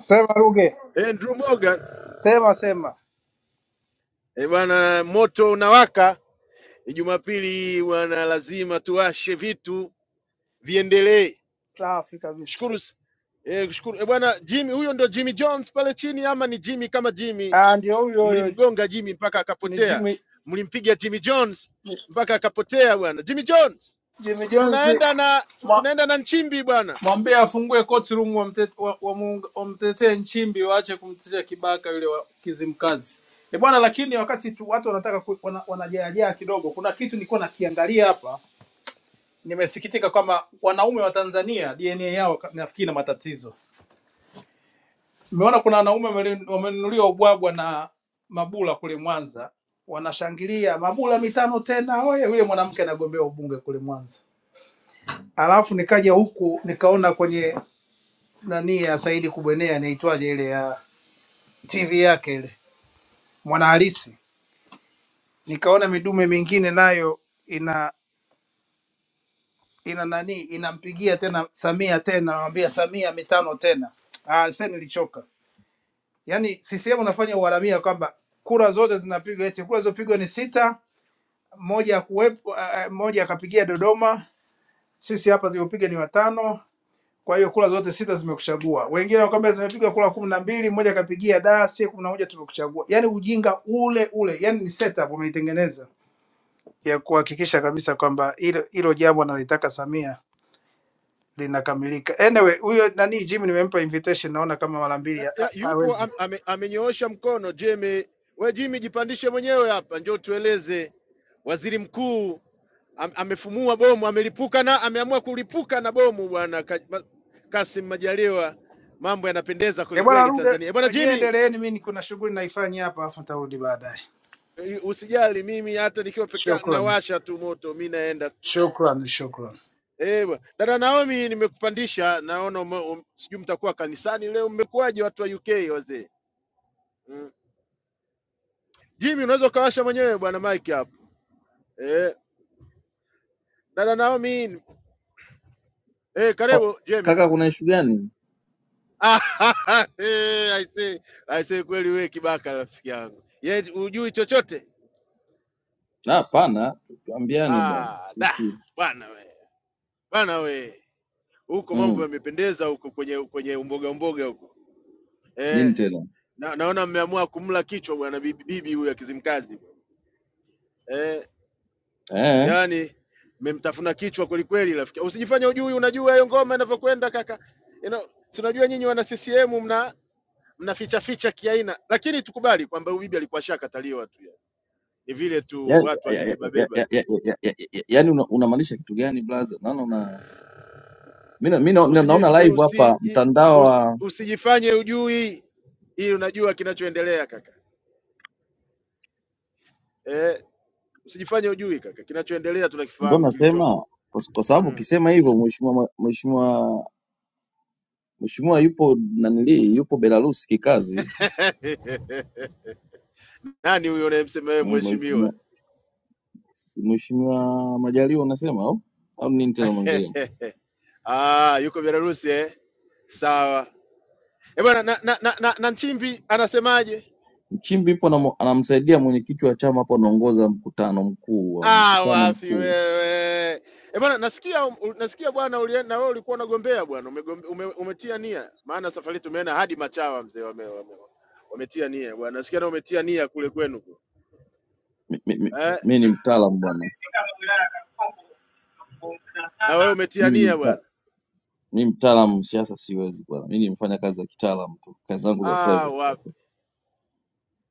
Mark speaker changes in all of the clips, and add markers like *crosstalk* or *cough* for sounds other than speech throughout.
Speaker 1: Sema Ruge,
Speaker 2: Andrew Morgan.
Speaker 1: sema sema.
Speaker 2: Eh bwana, moto unawaka. Eh, Jumapili bwana, lazima tuwashe vitu viendelee.
Speaker 1: Safi kabisa.
Speaker 2: Shukuru s- eh, kushukuru eh bwana. Jimmy huyo ndo Jimmy Jones pale chini, ama ni Jimmy kama Jimmy?
Speaker 1: Ah, ndio huyo huyo
Speaker 2: Mlimgonga Jimmy mpaka
Speaker 1: ni
Speaker 2: akapotea,
Speaker 1: Jimmy
Speaker 2: mlimpiga Jimmy Jones
Speaker 1: ni-
Speaker 2: mpaka akapotea bwana. Jimmy Jones,
Speaker 1: Jimmy Jones.
Speaker 2: tunaenda na
Speaker 1: Mwa-
Speaker 2: tunaenda na Nchimbi bwana.
Speaker 1: Mwambie afungue court room wamtetee wa, wa, muunga- wamtetee Nchimbi, waache kumtetea Kibaka yule wa Kizimkazi. E bwana, lakini wakati tu watu wanataka ku- wana, wanajaajaa kidogo, kuna kitu nilikuwa nakiangalia hapa, nimesikitika kwamba wanaume wa Tanzania DNA yao ka- nafikiri na matatizo Nimeona kuna wanaume wameli- wamenunuliwa ubwabwa na Mabula kule Mwanza, wanashangilia Mabula mitano tena, oye! Yule mwanamke anagombea ubunge kule Mwanza. Alafu nikaja huku nikaona kwenye nani ya Saidi Kubwenea, inaitwaje ile ya TV yake ile Mwanahalisi, nikaona midume mingine nayo ina ina nani inampigia tena Samia tena, anamwambia Samia mitano tena. Ah, sasa nilichoka. Yaani CCM unafanya uharamia kwamba kura zote zinapigwa, eti kura zilizopigwa ni sita moja ya kuwepo, eh, moja akapigia Dodoma, sisi hapa tuliopiga ni watano. Kwa hiyo kura zote sita zimekuchagua. Wengine wakwambia zimepiga kura kumi na mbili, mmoja akapigia da, sie kumi na moja tumekuchagua. Yaani ujinga ule ule, yaani ni setup wameitengeneza ya kuhakikisha kabisa kwamba hilo hilo jambo analitaka Samia linakamilika. Anyway, huyo nani Jimmy nimempa invitation, naona kama mara mbili ha-
Speaker 2: Ya,
Speaker 1: ha-
Speaker 2: yupo
Speaker 1: hawezi.
Speaker 2: am, ame, amenyoosha mkono Jimmy. We Jimmy, jipandishe mwenyewe hapa, njoo tueleze. Waziri mkuu am, amefumua bomu, amelipuka na ameamua kulipuka na bomu bwana Ka- Ma- Kassim Majaliwa. Mambo yanapendeza
Speaker 1: Eh bwana,
Speaker 2: kwelikweli
Speaker 1: rude
Speaker 2: Tanzania. Eh, Bwana
Speaker 1: nyewe,
Speaker 2: Jimmy,
Speaker 1: endeleeni, mimi kuna shughuli naifanya hapa, afu nitarudi baadaye.
Speaker 2: eh, usijali, mimi hata nikiwa peke yangu
Speaker 1: Shukrani,
Speaker 2: nawasha tu moto, mi naenda
Speaker 1: shukrani, shukrani.
Speaker 2: Eh, bwana. dada Naomi, nimekupandisha naona ume- um, sijui mtakuwa kanisani leo. Mmekuwaje watu wa UK wazee? Mm. Jimmy, unaweza ukawasha mwenyewe bwana Mike hapo eh. Dada Naomi, eh,
Speaker 3: Oh,
Speaker 2: karibu Jeme.
Speaker 3: kaka kuna ishu gani?
Speaker 2: Ah, *laughs* eh, I say, I say kweli wewe kibaka rafiki yangu. Yeye hujui chochote.
Speaker 3: Ah, Hapana, tuambiane bwana
Speaker 2: Ah, da.
Speaker 3: sisi
Speaker 2: Bwana we. Bwana we. Huko mambo
Speaker 3: mm,
Speaker 2: yamependeza huko kwenye kwenye umboga umboga huko.
Speaker 3: nini
Speaker 2: Eh,
Speaker 3: tena
Speaker 2: na, naona mmeamua kumla kichwa bwana bibi bibi huyu akizimkazi. Eh,
Speaker 3: eh?
Speaker 2: yani mmemtafuna kichwa kweli kweli rafiki. Usijifanye hujui, unajua hiyo ngoma inavyokwenda kaka. You know, si unajua nyinyi wana CCM mnaficha ficha kiaina, lakini tukubali kwamba huyu bibi alikuwa ashakataliwa tu, yani. Ni vile tu
Speaker 3: Yaani
Speaker 2: watu
Speaker 3: ya, ya,
Speaker 2: walimbeba
Speaker 3: ya,
Speaker 2: beba.
Speaker 3: ya, ya, ya, ya, ya, yaani una- unamaanisha kitu gani blaza? Naona una mimi mimi na-
Speaker 2: Usiji,
Speaker 3: naona live hapa
Speaker 2: usiji,
Speaker 3: mtandao
Speaker 2: usi,
Speaker 3: wa
Speaker 2: usijifanye ujui, ili unajua kinachoendelea kaka eh, usijifanye ujui kaka, kinachoendelea
Speaker 3: ndo
Speaker 2: tunakifahamu
Speaker 3: nasema
Speaker 2: kilichopo
Speaker 3: kwa s- kwa sababu
Speaker 2: mm.
Speaker 3: ukisema hivyo mheshimiwa mheshimiwa mheshimiwa yupo nanili yupo Belarus kikazi
Speaker 2: *laughs* Nani huyo unayemsema wewe
Speaker 3: Mm, mheshimiwa
Speaker 2: mheshimiwa?
Speaker 3: mheshimiwa Majaliwa unasema au au nini tena unaongelea?
Speaker 2: *laughs* Ah, yuko Belarusi eh? Sawa. Eh bwana na, na, na, na, na Nchimbi anasemaje?
Speaker 3: Nchimbi yupo anam- anamsaidia mwenyekiti wa chama hapo, anaongoza mkutano mkuu wa
Speaker 2: Ah,
Speaker 3: mkutano
Speaker 2: wapi
Speaker 3: mkuu.
Speaker 2: wewe? Eh bwana, nasikia um- nasikia bwana, ulie- na wewe ulikuwa unagombea bwana, umegombe, ume, umetia nia. Maana safari tumeenda hadi Machawa mzee, wame, wame, wametia nia bwana. Nasikia na umetia nia kule kwenu kule.
Speaker 3: Mi mi- mi- mi-
Speaker 2: Eh?
Speaker 3: mi ni mtaalamu bwana,
Speaker 2: Na wewe umetia
Speaker 3: mimi ni
Speaker 2: nia
Speaker 3: mta,
Speaker 2: bwana.
Speaker 3: mi mtaalamu siasa siwezi bwana, mi ni mfanya kazi za kitaalamu tu, kazi zangu za
Speaker 2: Ah,
Speaker 3: private.
Speaker 2: wapi?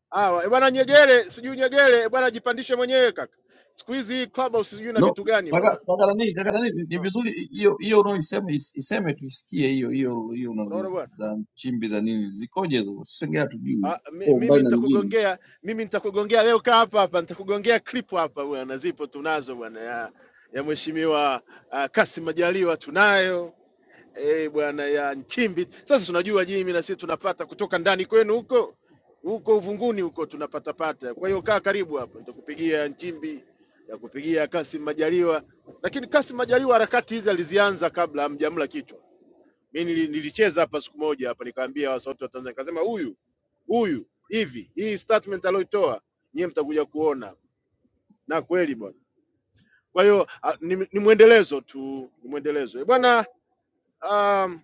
Speaker 2: Ah, wa- eh bwana Nyegere, sijui Nyegere, eh bwana jipandishe mwenyewe kaka. Siku hizi hii clubhouse sijui na
Speaker 3: No
Speaker 2: vitu gani
Speaker 3: kaka
Speaker 2: bwana.
Speaker 3: kaka nani kaka nani, ni
Speaker 2: No,
Speaker 3: vizuri hiyo hiyo unaoisema is- iseme tuisikie hiyo hiyo hiyo
Speaker 2: unaona
Speaker 3: unazo
Speaker 2: bwana?
Speaker 3: za Nchimbi za nini zikoje hizo, sisi wengine hatujui
Speaker 2: Ah, mi-
Speaker 3: kwa
Speaker 2: mimi
Speaker 3: umbali na mjini.
Speaker 2: nitakugongea, mimi nitakugongea leo, kaa hapa hapa, nitakugongea clip hapa bwana, zipo tunazo bwana, ya, ya mheshimiwa uh, Kassim Majaliwa tunayo eh bwana, ya Nchimbi. Sasa tunajua Jimmy na sisi tunapata kutoka ndani kwenu huko huko uvunguni huko tunapata pata. Kwa hiyo kaa karibu hapo, nitakupigia ya Nchimbi, nitakupigia ya Kassim Majaliwa, lakini Kassim Majaliwa harakati hizi alizianza kabla hamjamla kichwa mi nili- nilicheza hapa siku moja hapa nikaambia wa sauti wa Tanzania nikasema huyu huyu hivi hii statement aliyoitoa nyie mtakuja kuona na kweli bwana. Kwa hiyo ah, ni, ni mwendelezo tu, ni mwendelezo Eh, bwana. Um,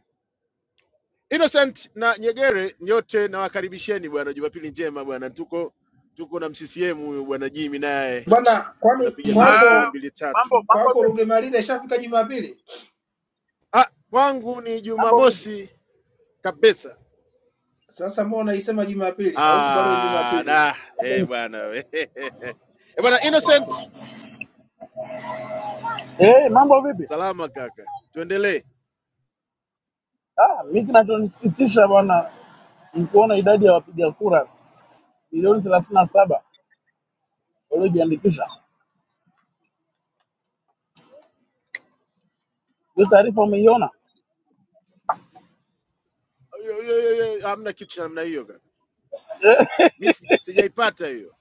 Speaker 2: Innocent na Nyegere nyote nawakaribisheni bwana, Jumapili njema bwana. Tuko tuko na mccm huyu bwana Jimmy naye
Speaker 1: Bwana, kwani
Speaker 2: tunapiga piga stori
Speaker 4: Ah,
Speaker 1: kwako
Speaker 2: mbili tatu.
Speaker 4: mambo mambo
Speaker 1: kwako
Speaker 4: vipi?
Speaker 1: Rugemalile ishafika Jumapili?
Speaker 2: Ah, kwangu ni
Speaker 4: Mambo vipi?
Speaker 2: Jumamosi kabisa
Speaker 1: Sasa mbona unaisema Jumapili na huku bado ni
Speaker 2: Ah,
Speaker 1: Jumapili? bwana?
Speaker 2: da
Speaker 4: Mambo
Speaker 2: eh
Speaker 4: vipi?
Speaker 2: bwana we. *laughs* eh bwana Innocent,
Speaker 4: Eh, mambo vipi?
Speaker 2: salama kaka, tuendelee.
Speaker 4: Ah, mimi kinachonisikitisha bwana ni kuona idadi ya wapiga kura milioni thelathini na saba waliojiandikisha. Hiyo taarifa umeiona?
Speaker 2: Yo, yo, yo, yo, Hamna kitu cha namna hiyo kaka, mi si- sijaipata hiyo.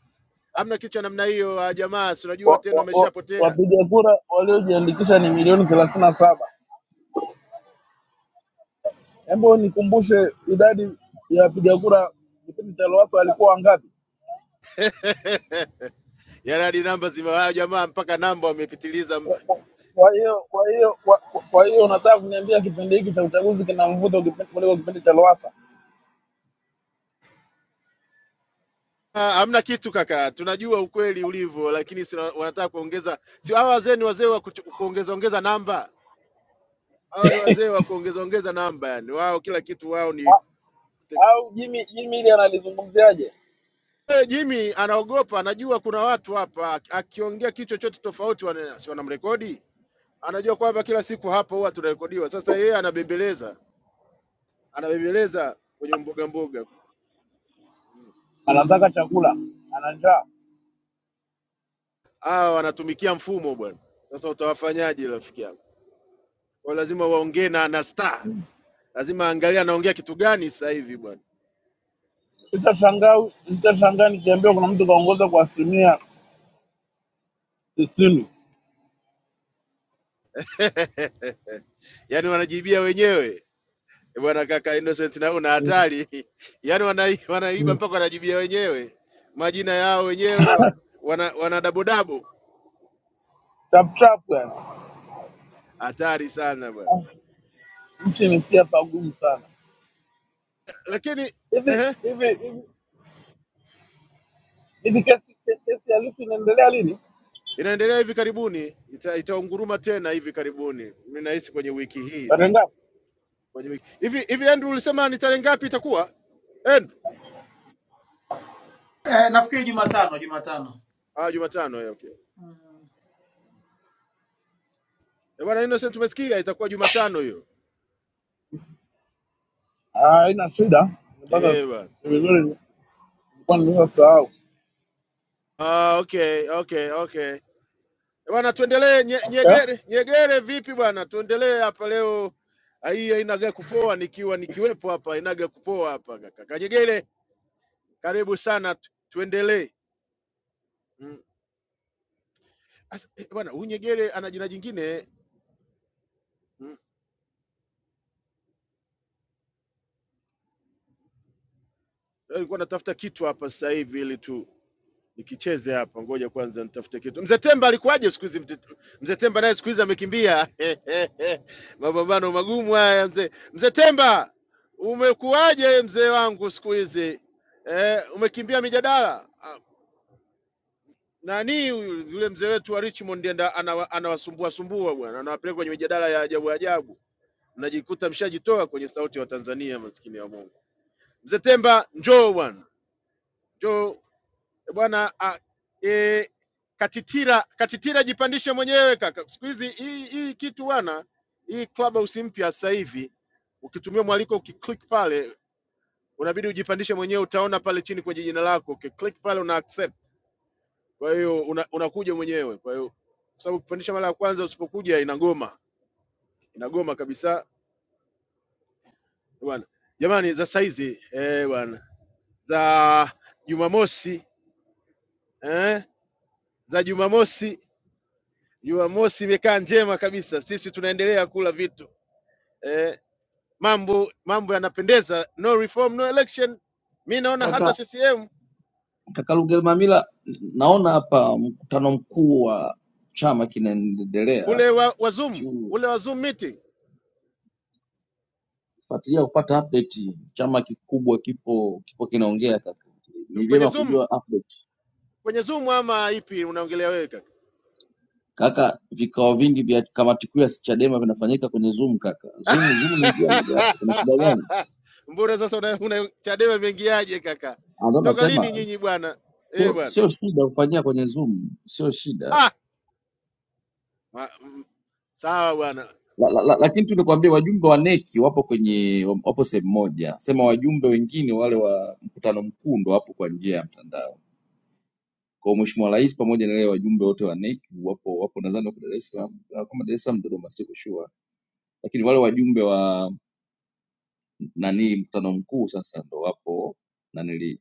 Speaker 2: Hamna kitu cha namna hiyo. ah, Jamaa si unajua
Speaker 4: Wa-
Speaker 2: tena,
Speaker 4: wa- wa-
Speaker 2: wameshapotea
Speaker 4: Wapiga kura waliojiandikisha ni milioni thelathini na saba. Hebu nikumbushe idadi ya wapiga kura kipindi cha Lowassa walikuwa wangapi?
Speaker 2: Yaani hadi namba zimewaa jamaa, mpaka namba wamepitiliza mba.
Speaker 4: Kwa kwa hiyo kwa hiyo kwa kwa hiyo unataka kuniambia kipindi hiki cha uchaguzi kina mvuto kipi- kuliko kipindi cha Lowassa?
Speaker 2: Ah, Hamna kitu kaka, tunajua ukweli ulivyo, lakini sina, wanataka kuongeza. Si hawa wazee ni wazee wa kuchu- kuongeza ongeza namba, hawa ni wazee wa kuongeza ongeza namba. Yani wao kila kitu wao ni
Speaker 4: au Jimmy Jimmy ili analizungumziaje?
Speaker 2: Eh, Jimmy anaogopa, anajua kuna watu hapa, akiongea kitu chochote tofauti wana- si wanamrekodi. Anajua kwamba kila siku hapa huwa tunarekodiwa. Sasa yeye anabembeleza, anabembeleza kwenye mboga mboga.
Speaker 4: Anataka chakula, ana njaa.
Speaker 2: Hawa wanatumikia mfumo bwana. Sasa utawafanyaje rafiki yangu? Kwa lazima waongee na na star, lazima angalia anaongea kitu gani sasa hivi bwana.
Speaker 4: Sitashangaa sitashangaa nikiambiwa kuna mtu kaongoza kwa asilimia tisini
Speaker 2: *laughs* Yaani wanajibia wenyewe Eh, bwana, kaka Innocent na una hatari. *laughs* Yaani wana, wanaiba mpaka wanajibia wenyewe majina yao wenyewe wa- wana, wana dabodabo
Speaker 4: chap chap, yani
Speaker 2: hatari sana bwana.
Speaker 4: Ah, nchi imefikia pagumu sana.
Speaker 2: Lakini
Speaker 4: Hivi
Speaker 2: ehe,
Speaker 4: hivi hivi hivi kesi kesi halisi inaendelea lini?
Speaker 2: inaendelea hivi karibuni, ita, itaunguruma tena hivi karibuni, mi nahisi kwenye wiki hii tu,
Speaker 4: Tarehe ngapi?
Speaker 2: kwenye wiki hivi hivi. Andrew ulisema ni tarehe ngapi itakuwa Andrew?
Speaker 1: Eh, nafikiri Jumatano, Jumatano.
Speaker 2: Ah, Jumatano. Eh, okay Eh, bwana Innocent, tumesikia itakuwa Jumatano hiyo.
Speaker 4: Ah, haina shida, nimepata
Speaker 2: Eh bwana,
Speaker 4: vizuri, nilikuwa nimesahau.
Speaker 2: ah, okay okay okay Eh, bwana, tuendelee nye,
Speaker 4: Okay.
Speaker 2: nyegere nyegere, vipi bwana, tuendelee hapa leo. Ah, Hii hainaga ya kupoa, nikiwa nikiwepo hapa inaga ya kupoa hapa. Kaka Nyegere, karibu sana, tu- tuendelee. Mm. As- eh, Bwana huyu Nyegere ana jina jingine mm. Alikuwa natafuta kitu hapa sasa hivi ili tu nikicheze hapa, ngoja kwanza nitafute kitu. Mzee Temba alikuwaje siku hizi? Mte- Mzee Temba naye siku hizi amekimbia *laughs* mapambano magumu haya. Mzee Mzee Temba, umekuwaje mzee wangu siku hizi eh, umekimbia mijadala Ah, nani huyu yule mzee wetu wa Richmond ndiye anda- anawa- anawasumbua sumbua bwana, anawapeleka kwenye mijadala ya ajabu ajabu, mnajikuta mshajitoa kwenye sauti ya Watanzania maskini ya Mungu. Mzee Temba, njoo bwana, njoo Eh, bwana. ah, E, katitira katitira, jipandishe mwenyewe kaka. Siku hizi hii hii kitu bwana, hii clubhouse mpya sasa hivi, ukitumia mwaliko ukiclick pale, unabidi ujipandishe mwenyewe. Utaona pale chini kwenye jina lako, ukiclick pale una accept. Kwa hiyo una, unakuja mwenyewe. Kwa hiyo kwa sababu kupandisha mara ya kwanza, usipokuja inagoma, inagoma kabisa bwana. Jamani, za saizi eh bwana, za Jumamosi eh za Jumamosi Jumamosi imekaa njema kabisa, sisi tunaendelea kula vitu eh, mambo mambo yanapendeza. No reform no election. Mi naona hata CCM
Speaker 3: Kaka Lugelamila, naona hapa mkutano mkuu wa chama kinaendelea,
Speaker 2: ule wa, wa Zoom ule
Speaker 3: sifuatilia
Speaker 2: wa Zoom meeting
Speaker 3: kupata update. Chama kikubwa kipo kipo kinaongea kaka, ni
Speaker 2: kwenye
Speaker 3: vyema
Speaker 2: Zoom
Speaker 3: kujua update
Speaker 2: kwenye Zoom ama ipi unaongelea wewe kaka?
Speaker 3: kaka. Vikao vingi vya kamati kuu ya Chadema vinafanyika kwenye Zoom kaka. Zoom Zoom ni njia mojawapo, kuna shida gani?
Speaker 2: *laughs* Mbona sasa una, una Chadema imeingiaje kaka?
Speaker 3: Ah, Ndo
Speaker 2: Toka
Speaker 3: nasema
Speaker 2: lini nyinyi bwana? Eh
Speaker 3: sio
Speaker 2: bwana.
Speaker 3: sio shida kufanyia kwenye Zoom, sio shida
Speaker 2: Ah, ma, m, sawa bwana.
Speaker 3: la, la, la, lakini tu nikwambie wajumbe wa neki wapo kwenye wapo sehemu moja, sema wajumbe wengine wale wa mkutano mkuu ndo wapo kwa njia ya mtandao. Kwa hiyo mheshimiwa rais pamoja na wale wajumbe wote wa neki wapo wapo, nadhani wako Dar es Salaam, ah, kama Dar es Salaam, Dodoma, siko sure, lakini wale wajumbe wa nani mkutano mkuu sasa ndo wapo nanili.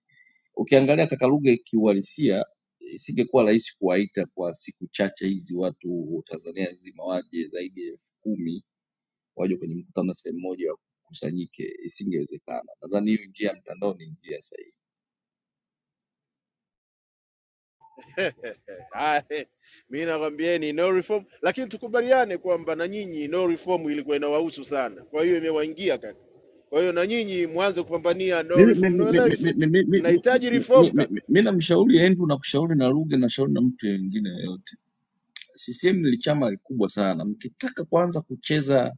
Speaker 3: Ukiangalia kaka Ruge kiuhalisia, isingekuwa rahisi kuwaita kwa siku chache hizi watu Tanzania nzima waje zaidi ya elfu kumi waje kwenye mkutano sehemu moja wakusanyike, isingewezekana. Nadhani hiyo njia ya mtandao ni njia sahihi.
Speaker 2: Haya, mi nakwambieni no reform, lakini tukubaliane kwamba na nyinyi no reform ilikuwa inawahusu sana, kwa hiyo imewaingia kaka. Kwa hiyo na nyinyi mwanze kupambania no
Speaker 3: Mimi
Speaker 2: reform
Speaker 3: mimi-
Speaker 2: no
Speaker 3: mimi-
Speaker 2: election,
Speaker 3: mimi- mimi- mimi-
Speaker 2: mnahitaji
Speaker 3: mimi- mimi-
Speaker 2: reform kaka.
Speaker 3: mimi mimi namshauri Andrew, nakushauri na Ruge, nashauri na mtu mwingine yoyote. CCM ni chama kikubwa sana, mkitaka kwanza kucheza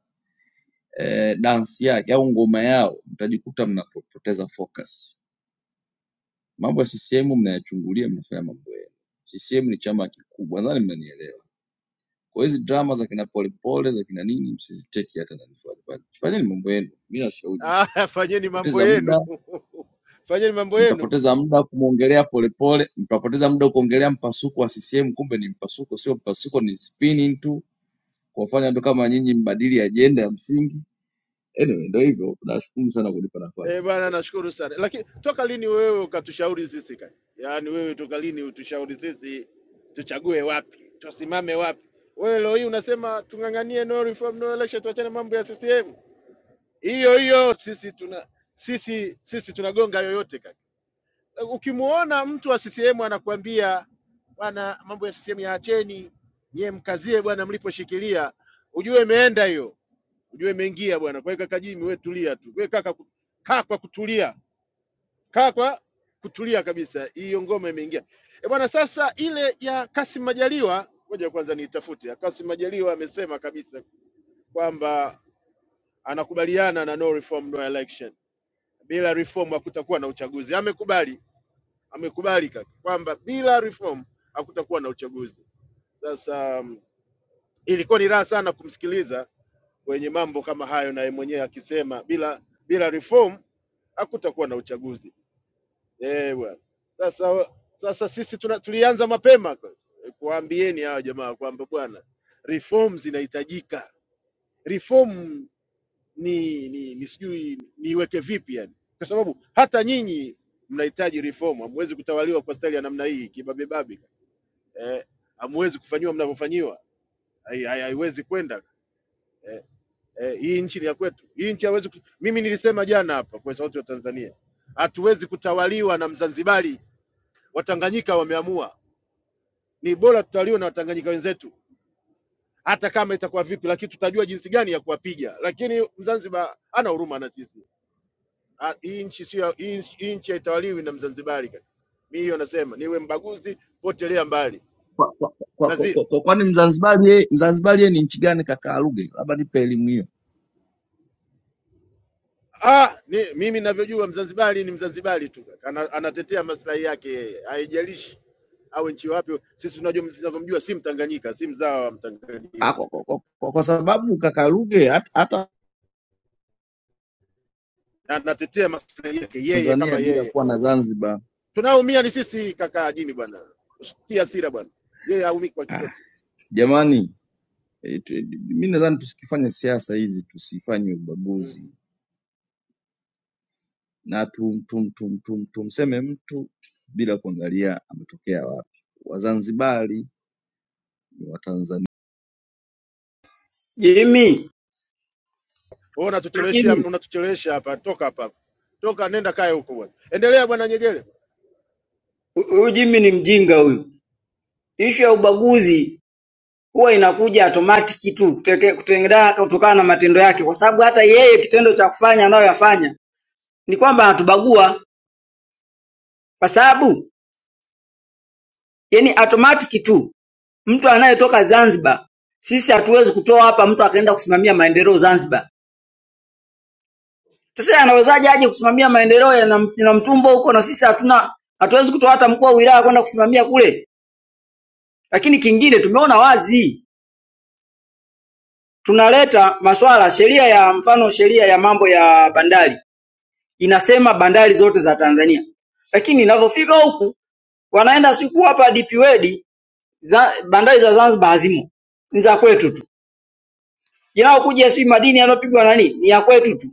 Speaker 3: eh, dansi yake au ngoma yao mtajikuta mnapoteza focus. Mambo ya CCM mnayachungulia, mnafanya mambo yenu. CCM ni chama kikubwa, nadhani mnanielewa. Kwa hizi drama za kina Polepole za kina nini, msiziteki hata na nifanye. Fanyeni mambo yenu, mi nashauri hivyo.
Speaker 2: Haya, *laughs* fanyeni mambo
Speaker 3: Mtapoteza
Speaker 2: yenu
Speaker 3: muda,
Speaker 2: *laughs* fanyeni mambo yenu.
Speaker 3: mtapoteza muda kumwongelea Polepole, mtapoteza muda kuongelea mpasuko wa CCM, kumbe ni mpasuko, sio mpasuko, ni spinning tu kuwafanya watu kama nyinyi mbadili ajenda ya msingi. Anyway, ndio hivyo. Nashukuru sana kunipa nafasi.
Speaker 2: Eh bwana, nashukuru sana. Lakini toka lini wewe ukatushauri sisi kaka? Yaani wewe toka lini utushauri sisi tuchague wapi, tusimame wapi? Wewe leo hii unasema tung'ang'anie no reform no election, tuachane mambo ya CCM. hiyo hiyo sisi tuna sisi sisi tunagonga yoyote kaka. Ukimuona mtu wa CCM anakuambia bwana, mambo ya CCM yaacheni, nyie mkazie bwana mliposhikilia, ujue imeenda hiyo, ujue imeingia bwana. Kwa hiyo kaka Jimmy, wewe tulia tu, wewe kaka, ku- kaa kwa kutulia, kaa kwa kutulia kabisa, hiyo ngoma imeingia e bwana. Sasa ile ya Kassim Majaliwa, ngoja kwanza niitafute. ya Kassim Majaliwa amesema kabisa kwamba anakubaliana na no reform no election bila reform hakutakuwa na uchaguzi. Amekubali, amekubali kaka kwamba bila reform hakutakuwa na uchaguzi. Sasa mm, ilikuwa ni raha sana kumsikiliza kwenye mambo kama hayo, naye mwenyewe akisema bila bila reform hakutakuwa na uchaguzi. Eh bwana, sasa sasa sisi tuna, tulianza mapema kwa- kuwaambieni hawa jamaa kwamba bwana, reform zinahitajika reform ni, ni, ni sijui niiweke vipi yani, kwa sababu hata nyinyi mnahitaji reform. Hamwezi kutawaliwa kwa staili ya namna hii kibabebabe eh, hamwezi kufanyiwa mnavyofanyiwa, hai- hai- haiwezi kwenda eh, hii nchi ni ya kwetu. Hii nchi haiwezi ku... mimi nilisema jana hapa kwa sauti ya Tanzania, hatuwezi kutawaliwa na Mzanzibari. Watanganyika wameamua ni bora tutawaliwe na Watanganyika wenzetu, hata kama itakuwa vipi, lakini tutajua jinsi gani ya kuwapiga. Lakini Mzanzibar ana huruma na sisi Ah, Hii nchi sio ya- hii nchi hii nchi haitawaliwi na Mzanzibari kaka. Mimi hiyo nasema niwe mbaguzi, potelea mbali.
Speaker 3: Kwa- kwa- kwa- kwa-
Speaker 2: Lazima
Speaker 3: kwa- kwa- Kwani Mzanzibari yeye- Mzanzibari yeye ni nchi gani kaka Ruge? Labda nipe elimu hiyo.
Speaker 2: ah, ni, mimi ninavyojua Mzanzibari ni Mzanzibari tu kaka. Ana, anatetea maslahi yake yeye, haijalishi awe nchi wapi. Sisi tunajua tunavyomjua, si Mtanganyika, si mzao wa
Speaker 3: Ah, Kwa,
Speaker 2: Mtanganyika,
Speaker 3: kwa, kwa, kwa kwa sababu kaka Ruge hata hata
Speaker 2: na anatetea maslahi yake yeye
Speaker 3: Tanzania
Speaker 2: kama
Speaker 3: bila
Speaker 2: yeye.
Speaker 3: kuwa na Zanzibar
Speaker 2: Tunaumia ni sisi kaka Jimmy bwana, usitie hasira bwana, yeye haumii kwa chochote.
Speaker 3: Jamani, eh, tu- mi nadhani tusikifanye siasa hizi, tusifanye
Speaker 2: Mm.
Speaker 3: ubaguzi na tum, tum, tum, tum, tumseme mtu bila kuangalia ametokea wapi. Wazanzibari ni Watanzania
Speaker 5: Jimmy,
Speaker 2: Wewe unatuchelewesha
Speaker 5: Jimmy,
Speaker 2: unatuchelewesha hapa, toka hapa. Toka nenda kae huko bwana. Endelea bwana Nyegere.
Speaker 5: huyu Jimmy ni mjinga huyu. Ishu ya ubaguzi huwa inakuja automatic tu kuteke- kutengana kutokana na matendo yake, kwa sababu hata yeye kitendo cha kufanya anayoyafanya ni kwamba anatubagua, kwa sababu yani automatic tu mtu anayetoka Zanzibar, sisi hatuwezi kutoa hapa mtu akaenda kusimamia maendeleo Zanzibar. Sasa yeye anawezaje aje kusimamia maendeleo ya Nam- ya Namtumbo huko na sisi hatuna hatuwezi kutoa hata mkuu wa wilaya kwenda kusimamia kule. Lakini kingine tumeona wazi tunaleta masuala sheria ya mfano sheria ya mambo ya bandari inasema bandari zote za Tanzania, lakini inavyofika huku wanaenda siku hapa DP World za, bandari za Zanzibar hazimo, ni za kwetu tu. Inayokuja si madini yanayopigwa na nini, ni ya kwetu tu.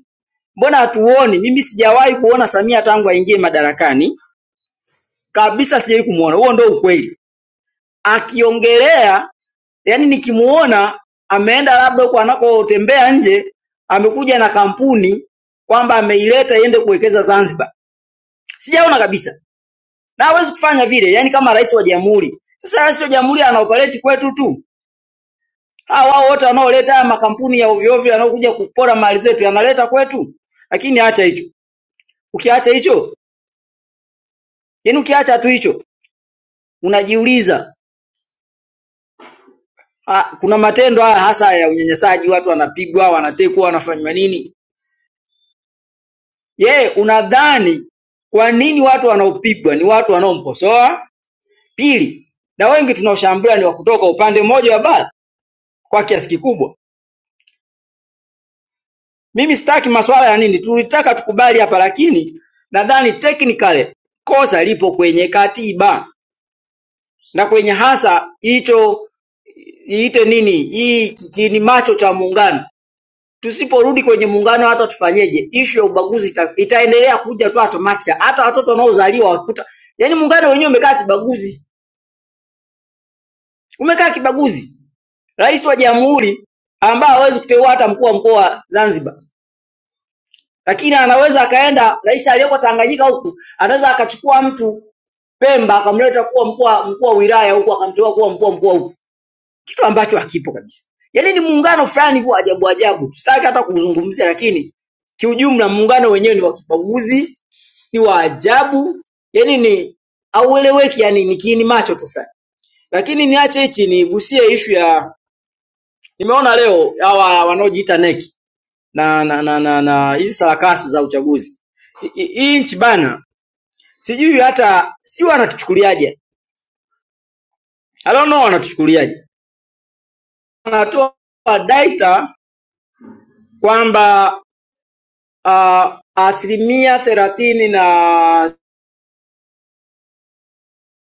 Speaker 5: Mbona hatuoni? Mimi sijawahi kuona Samia tangu aingie madarakani kabisa, sijawahi kumuona. Huo ndio ukweli. Akiongelea yani nikimuona ameenda labda huko anakotembea nje, amekuja na kampuni kwamba ameileta iende kuwekeza Zanzibar, sijaona kabisa, na hawezi kufanya vile, yani kama rais wa jamhuri. Sasa rais wa jamhuri anaoperate kwetu tu, hawa wao wote wanaoleta haya makampuni ya ovyo ovyo yanayokuja kupora mali zetu yanaleta kwetu, lakini acha hicho. Ukiacha hicho, yani ukiacha tu hicho, unajiuliza ah, kuna matendo haya hasa ya unyanyasaji, watu wanapigwa, wanatekwa, wanafanywa nini Je, unadhani kwa nini watu wanaopigwa ni watu wanaomkosoa? Pili, na wengi tunaoshambulia ni wa kutoka upande mmoja wa bara kwa kiasi kikubwa. Mimi sitaki masuala ya nini, tulitaka tukubali hapa, lakini nadhani technically kosa lipo kwenye katiba na kwenye hasa hicho iite nini hii ki- kini macho cha muungano Tusiporudi kwenye muungano hata tufanyeje, ishu ya ubaguzi ita, itaendelea kuja tu automatic. Hata watoto wanaozaliwa wakuta, yani muungano wenyewe umekaa kibaguzi, umekaa kibaguzi. Rais wa jamhuri ambaye hawezi kuteua hata mkuu wa mkoa wa Zanzibar, lakini anaweza akaenda rais aliyeko Tanganyika huku, anaweza akachukua mtu Pemba akamleta kuwa mkuu wa- mkuu wa wilaya huku, akamteua kuwa mkuu wa mkoa huku, kitu ambacho hakipo kabisa. Yani ni muungano fulani hivyo ajabu ajabu, sitaki hata kuzungumzia, lakini kiujumla muungano wenyewe ni wa kibaguzi ni wa ajabu, yani ni haueleweki, yani ni kiini macho tu fulani. Lakini niache hichi, nigusie ishu ya nimeona leo hawa wanaojiita NEC na na na na na hizi sarakasi za uchaguzi I- i- hii nchi bana, sijui hata sijui wanatuchukuliaje, I don't know wanatuchukuliaje. Wanatoa data kwamba uh, asilimia thelathini na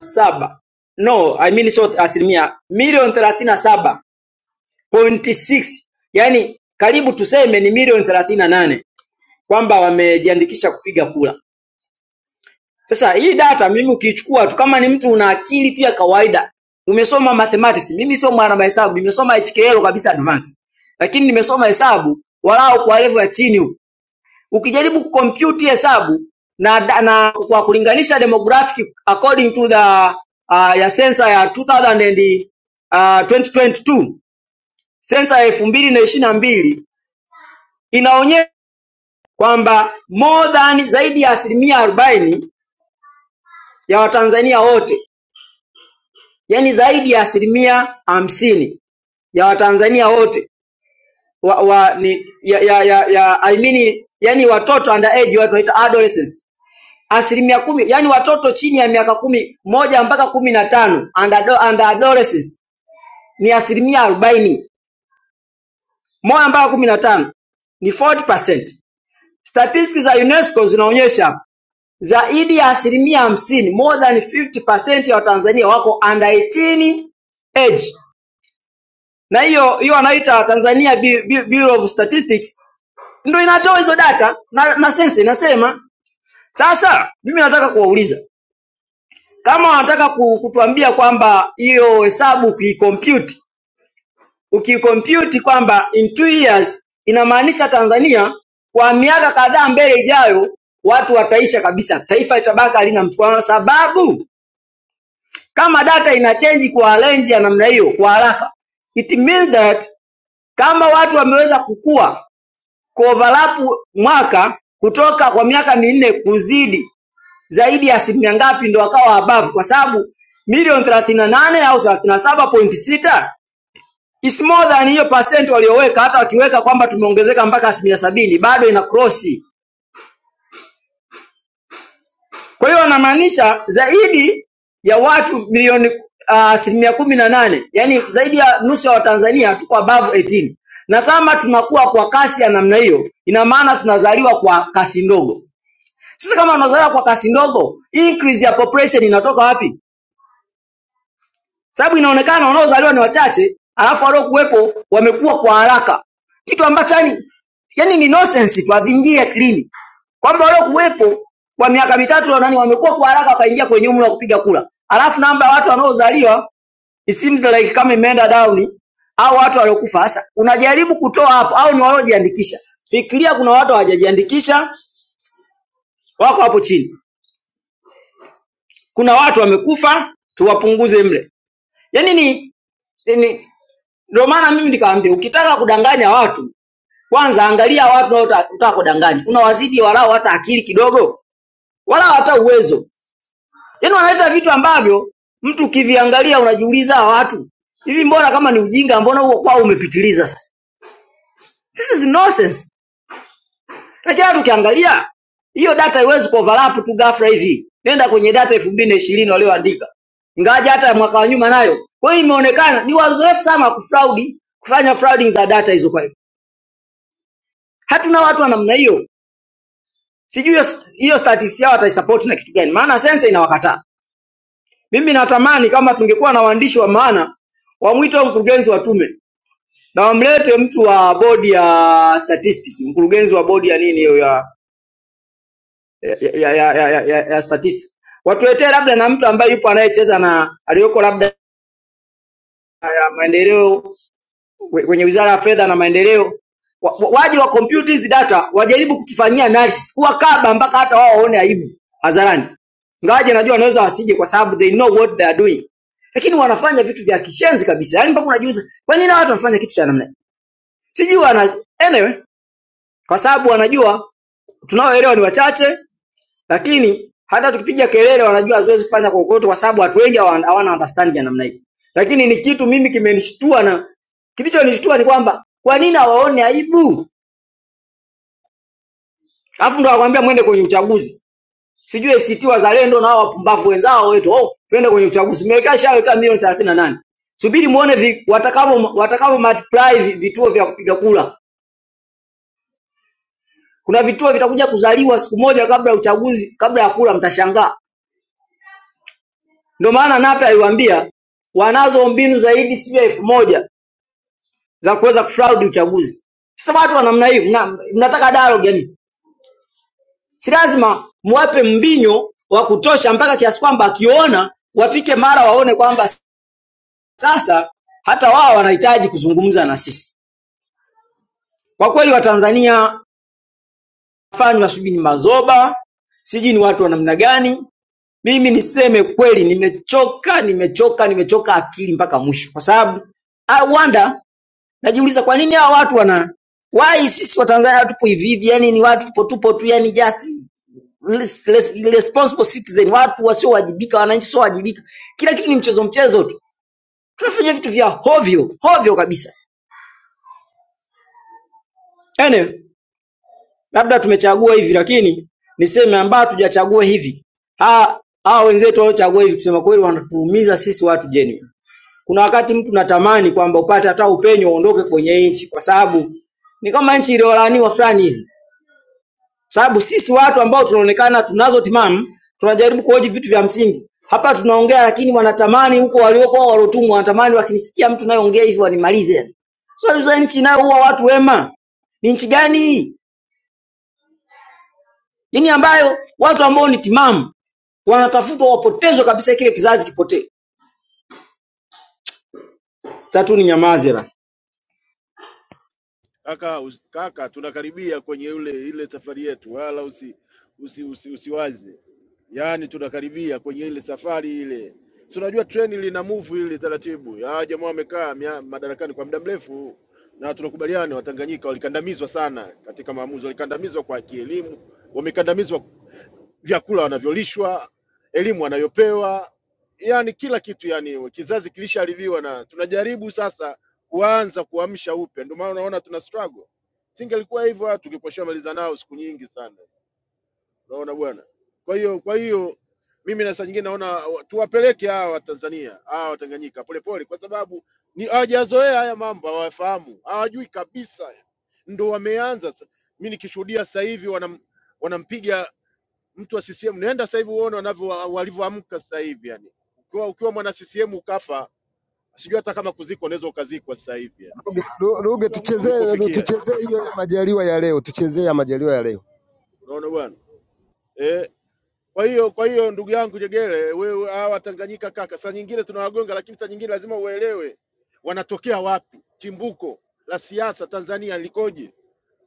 Speaker 5: saba no I mean sio asilimia milioni thelathini na saba 0.6 yani karibu tuseme ni milioni thelathini na nane kwamba wamejiandikisha kupiga kura. Sasa hii data mimi ukiichukua tu, kama ni mtu una akili tu ya kawaida, umesoma mathematics, mimi sio mwana mahesabu, nimesoma HKL kabisa advance, lakini nimesoma hesabu walau kwa level ya chini huku. Ukijaribu kucompute hesabu na, da- na kwa kulinganisha demographic according to the uh, ya sensa ya 2000 and, uh, 2022 sensa ya elfu mbili na ishirini na mbili inaonyesha kwamba more than zaidi ya asilimia arobaini ya Watanzania wote, yani zaidi ya asilimia hamsini ya Watanzania wote wa, wa, ni, ya, ya, ya, ya, I mean, yani watoto underage, watu wanaita adolescents, asilimia kumi, yani watoto chini ya miaka kumi moja mpaka kumi na tano under, under adolescents ni asilimia arobaini moja mpaka kumi na tano ni 40%. Statistics za UNESCO zinaonyesha Zaidi ya asilimia hamsini more than 50% ya Watanzania wako under 18 age, na hiyo hiyo wanaita Tanzania Bu- Bu- Bureau of Statistics ndio inatoa hizo data na, na sensa inasema. Sasa mimi nataka kuwauliza kama wanataka ku- kutuambia kwamba hiyo hesabu ukiikompyuti ukiikompyuti kwamba in two years inamaanisha Tanzania kwa miaka kadhaa mbele ijayo watu wataisha kabisa, taifa litabaki halina mtu kwa sababu Kama data inachange kwa range ya namna hiyo kwa haraka, it means that kama watu wameweza kukua kuoverlap mwaka kutoka kwa miaka minne kuzidi zaidi ya asilimia ngapi ndo wakawa above, kwa sababu milioni 38 au 37.6 is more than hiyo percent walioweka. Hata wakiweka kwamba tumeongezeka mpaka asilimia sabini bado ina cross Kwa hiyo anamaanisha zaidi ya watu milioni ah, asilimia uh, kumi na nane yaani zaidi ya nusu ya Watanzania tuko above 18 na kama tunakuwa kwa kasi ya namna hiyo, ina maana tunazaliwa kwa kasi ndogo. Sasa kama unazaliwa kwa kasi ndogo, increase ya population inatoka wapi? sababu inaonekana wanaozaliwa ni wachache, alafu waliokuwepo wamekuwa kwa haraka, kitu ambacho yani yani ni nonsense tu, haviingie akilini kwamba waliokuwepo kwa miaka mitatu nani wamekuwa kwa haraka wakaingia kwenye umri wa kupiga kura, alafu namba ya watu wanaozaliwa it seems like kama imeenda down au watu waliokufa. Sasa unajaribu kutoa hapo, au ni waliojiandikisha. Fikiria kuna watu hawajajiandikisha, wako hapo chini, kuna watu wamekufa, tuwapunguze mle, yani ni, ni Ndio maana mimi nikamwambia ukitaka kudanganya watu kwanza angalia watu unaotaka kudanganya, unawazidi walau hata akili kidogo, wala hata uwezo. Yaani wanaleta vitu ambavyo mtu ukiviangalia unajiuliza hawa watu hivi, mbona kama ni ujinga, mbona huo kwao umepitiliza? Sasa this is nonsense. Lakini hata ukiangalia hiyo data haiwezi kuoverlap tu ghafla hivi. Nenda kwenye data elfu mbili na ishirini walioandika, ingawaje hata ya mwaka wa nyuma nayo. Kwa hiyo imeonekana ni wazoefu sana wa kufraudi, kufanya frauding za data hizo kwa hiyo. Hatuna watu wa namna hiyo. Sijui hiyo st- hiyo status yao wataisupport na kitu gani, maana sensa inawakataa. Mimi natamani kama tungekuwa na waandishi wa maana, wamwite mkurugenzi wa tume na wamlete mtu wa bodi ya statistics, mkurugenzi wa bodi ya nini hiyo ya ya, ya, ya, ya, ya, ya, ya statistics. Watuletee labda na mtu ambaye yupo anayecheza na aliyoko labda ya maendeleo kwenye Wizara ya Fedha na Maendeleo wa- wa- waje wa compute hizi data wajaribu kutufanyia analysis, kuwakaba mpaka hata wao waone aibu hadharani. Ngawaje najua naweza wasije, kwa sababu they know what they are doing, lakini wanafanya vitu vya kishenzi kabisa. Yani mpaka unajiuliza kwa nini hawa watu wanafanya kitu cha namna hii? Sijui wana anyway, kwa sababu wanajua tunaoelewa ni wachache lakini hata tukipiga kelele wanajua haziwezi kufanya kokoto kwa sababu watu wengi hawa- hawana understanding ya namna hiyo. Lakini ni kitu mimi kimenishtua na kilichonishtua ni kwamba kwa nini hawaone aibu? Alafu ndo wakwambia mwende kwenye uchaguzi. Sijui ACT Wazalendo na hao wapumbavu wenzao wetu, oh, twende kwenye uchaguzi. Mmeweka shaweka milioni 38. Subiri muone vi, watakavyo watakavyo multiply vi- vituo vya kupiga kura. Kuna vituo vitakuja kuzaliwa siku moja kabla ya uchaguzi, kabla ya kura mtashangaa. Ndio maana Nape aliwaambia wanazo mbinu zaidi sijui ya elfu moja za kuweza kufraud uchaguzi. Sasa watu wa namna hii mna, mnataka dialogue yani. Si lazima mwape mbinyo wa kutosha mpaka kiasi kwamba akiona wafike mara waone kwamba sasa hata wao wanahitaji kuzungumza na sisi. Kwa kweli Watanzania fanywa sijui ni mazoba, sijui ni watu wa namna gani. Mimi niseme kweli, nimechoka, nimechoka, nimechoka akili mpaka mwisho, kwa sababu I wonder najiuliza kwa nini hawa watu wana why sisi watanzania tupo hivi hivi yani ni watu tupo tupo tu yani just less- less- responsible citizen watu wasiowajibika wananchi wasiowajibika kila kitu ni mchezo mchezo tu tunafanya vitu vya hovyo hovyo kabisa yani labda tumechagua hivi lakini niseme ambao hatujachagua hivi ha hawa wenzetu waliochagua hivi kusema kweli wanatuumiza sisi watu genuine kuna wakati mtu natamani kwamba upate hata upenyo uondoke kwenye nchi kwa sababu ni kama nchi iliyolaaniwa fulani hivi sababu sisi watu ambao tunaonekana tunazo timamu tunajaribu kuhoji vitu vya msingi. Hapa tunaongea lakini wanatamani huko waliokuwa walotumwa wanatamani wakinisikia mtu nayeongea hivi wanimalize. yani. Sasa so, nchi inayoua watu wema ni nchi gani hii? Yaani ambayo watu ambao ni timamu wanatafutwa wapotezwe kabisa, kile kizazi kipotee. Tatu ni nyamaze la.
Speaker 2: Kaka us- kaka tunakaribia kwenye ule ile safari yetu. Wala usi usi, usi usiwaze. Yaani tunakaribia kwenye ile safari ile. Tunajua treni lina move ile taratibu. Ya jamaa wamekaa mia- madarakani kwa muda mrefu na tunakubaliana Watanganyika walikandamizwa sana katika maamuzi, walikandamizwa kwa kielimu, wamekandamizwa vyakula wanavyolishwa, elimu wanayopewa, yani kila kitu. Yani kizazi kilishaharibiwa, na tunajaribu sasa kuanza kuamsha upya. Ndio maana unaona tuna struggle. Singelikuwa hivyo, watu tungekuwa tushamaliza nao siku nyingi sana. Unaona bwana. Kwa hiyo kwa hiyo mimi na saa nyingine naona wa- tuwapeleke hawa Watanzania hawa Watanganyika polepole, kwa sababu ni hawajazoea haya mambo, hawafahamu, hawajui kabisa, ndo wameanza. sa- Mimi nikishuhudia sasa hivi wanam, wanampiga mtu wa CCM, nenda sasa hivi uone wanavyo walivyoamka sasa hivi yani. Ukiwa, ukiwa mwana CCM ukafa, sijui hata kama kuzikwa unaweza ukazikwa sasa hivi yani.
Speaker 6: Ruge, Ruge tuchezee Ruge,
Speaker 2: Tulipofikia yani.
Speaker 6: tuchezee hiyo majaliwa ya leo, tuchezee ya majaliwa ya leo.
Speaker 2: Unaona bwana? Eh, kwa hiyo kwa hiyo ndugu yangu Jegele, wewe hawa Tanganyika kaka, saa nyingine tunawagonga, lakini saa nyingine lazima uelewe wanatokea wapi, chimbuko la siasa Tanzania likoje,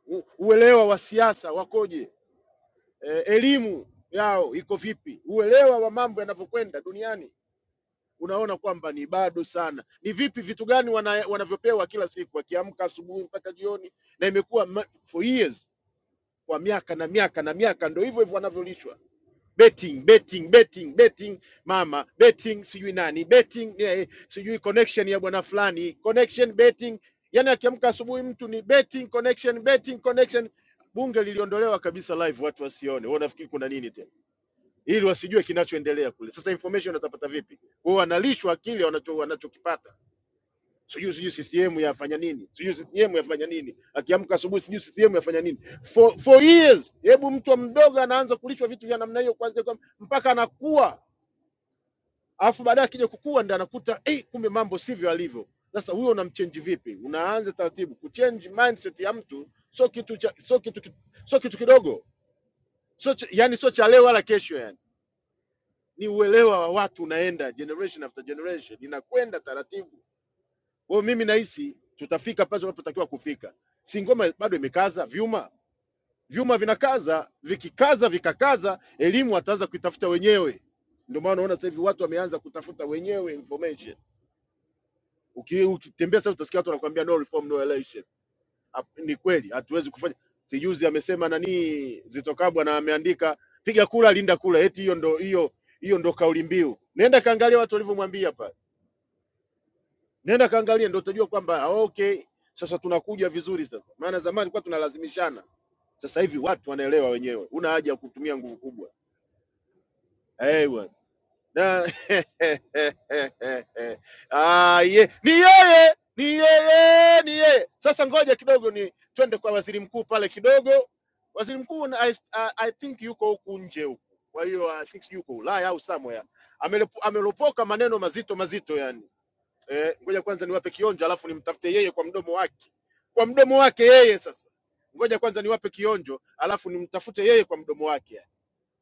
Speaker 2: u- uelewa wa siasa wakoje, eh, elimu yao iko vipi, uelewa wa mambo yanavyokwenda duniani unaona kwamba ni bado sana. Ni vipi, vitu gani wana, wanavyopewa kila siku, wakiamka asubuhi mpaka jioni, na imekuwa ma- for years, kwa miaka na miaka na miaka, ndo hivyo hivyo wanavyolishwa betting betting betting betting mama betting sijui nani betting eh, eh, sijui connection ya bwana fulani connection betting yani akiamka asubuhi mtu ni betting connection betting connection bunge liliondolewa kabisa live watu wasione wewe unafikiri kuna nini tena ili wasijue kinachoendelea kule. Sasa information watapata vipi? Kwa hiyo wanalishwa kile wanacho wanachokipata, sijui sijui CCM yafanya nini, sijui CCM yafanya nini, akiamka asubuhi sijui CCM yafanya nini for, for years. Hebu mtu mdogo anaanza kulishwa vitu vya namna hiyo kwanza kwa, mpaka anakuwa, alafu baadaye akija kukua ndio anakuta eh, hey, kumbe mambo sivyo alivyo. Sasa huyo unamchange vipi? Unaanza taratibu kuchange mindset ya mtu, sio kitu cha sio kitu sio kitu kidogo, sio ch- yani sio cha leo wala kesho yani ni uelewa wa watu unaenda generation after generation, inakwenda taratibu. Kwa hiyo mimi nahisi tutafika pale tunapotakiwa kufika, si ngoma bado imekaza vyuma, vyuma vinakaza, vikikaza vikakaza, elimu wataanza kuitafuta wenyewe. Ndio maana unaona sasa hivi watu wameanza kutafuta wenyewe information. Uki- Ukitembea sasa utasikia watu wanakuambia no reform no election. Hap- Ni kweli hatuwezi kufanya. Sijuzi amesema nani Zitokabwa na ameandika piga kura linda kura, eti hiyo ndo hiyo hiyo ndo kauli mbiu. Nenda kaangalia watu walivyomwambia pale nenda kaangalia, ndio utajua kwamba ah, okay, sasa tunakuja vizuri sasa. Maana zamani kwa tunalazimishana, sasa hivi watu wanaelewa wenyewe, una haja ya kutumia nguvu kubwa. Hey, bwana na *laughs* ah, ye, ni yeye ni yeye ni yeye. Sasa ngoja kidogo, ni twende kwa waziri mkuu pale kidogo. Waziri mkuu na- I, uh, I think yuko huku nje huku, kwa hiyo I think yuko Ulaya au somewhere, Amelepo- amelopoka maneno mazito mazito yani eh, ngoja kwanza niwape kionjo, alafu nimtafute yeye kwa mdomo wake, kwa mdomo wake yeye. Sasa ngoja kwanza niwape kionjo, alafu nimtafute yeye kwa mdomo wake.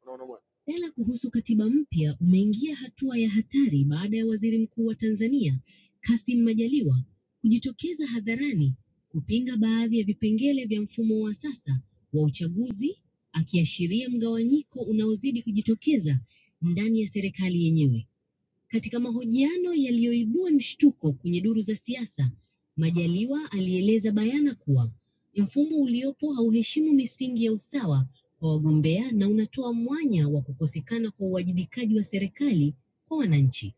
Speaker 2: Unaona bwana. Mjadala kuhusu katiba mpya umeingia hatua ya hatari baada ya waziri mkuu wa Tanzania Kassim Majaliwa kujitokeza hadharani kupinga baadhi ya vipengele vya mfumo wa sasa wa uchaguzi, akiashiria mgawanyiko unaozidi kujitokeza ndani ya serikali yenyewe. Katika mahojiano yaliyoibua mshtuko kwenye duru za siasa, Majaliwa alieleza bayana kuwa mfumo uliopo hauheshimu misingi ya usawa kwa wagombea na unatoa mwanya wa kukosekana kwa uwajibikaji wa serikali kwa wananchi.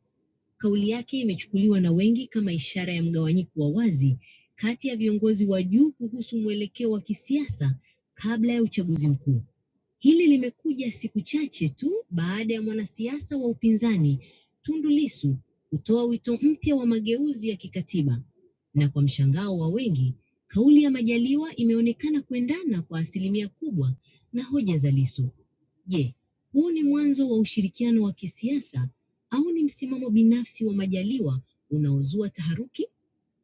Speaker 2: Kauli yake imechukuliwa na wengi kama ishara ya mgawanyiko wa wazi kati ya viongozi wa juu kuhusu mwelekeo wa kisiasa kabla ya uchaguzi mkuu. Hili limekuja siku chache tu baada ya mwanasiasa wa upinzani Tundu Lissu kutoa wito mpya wa mageuzi ya kikatiba, na kwa mshangao wa wengi, kauli ya Majaliwa imeonekana kuendana kwa asilimia kubwa na hoja za Lissu. Je, huu ni mwanzo wa ushirikiano wa kisiasa au ni msimamo binafsi wa Majaliwa unaozua taharuki?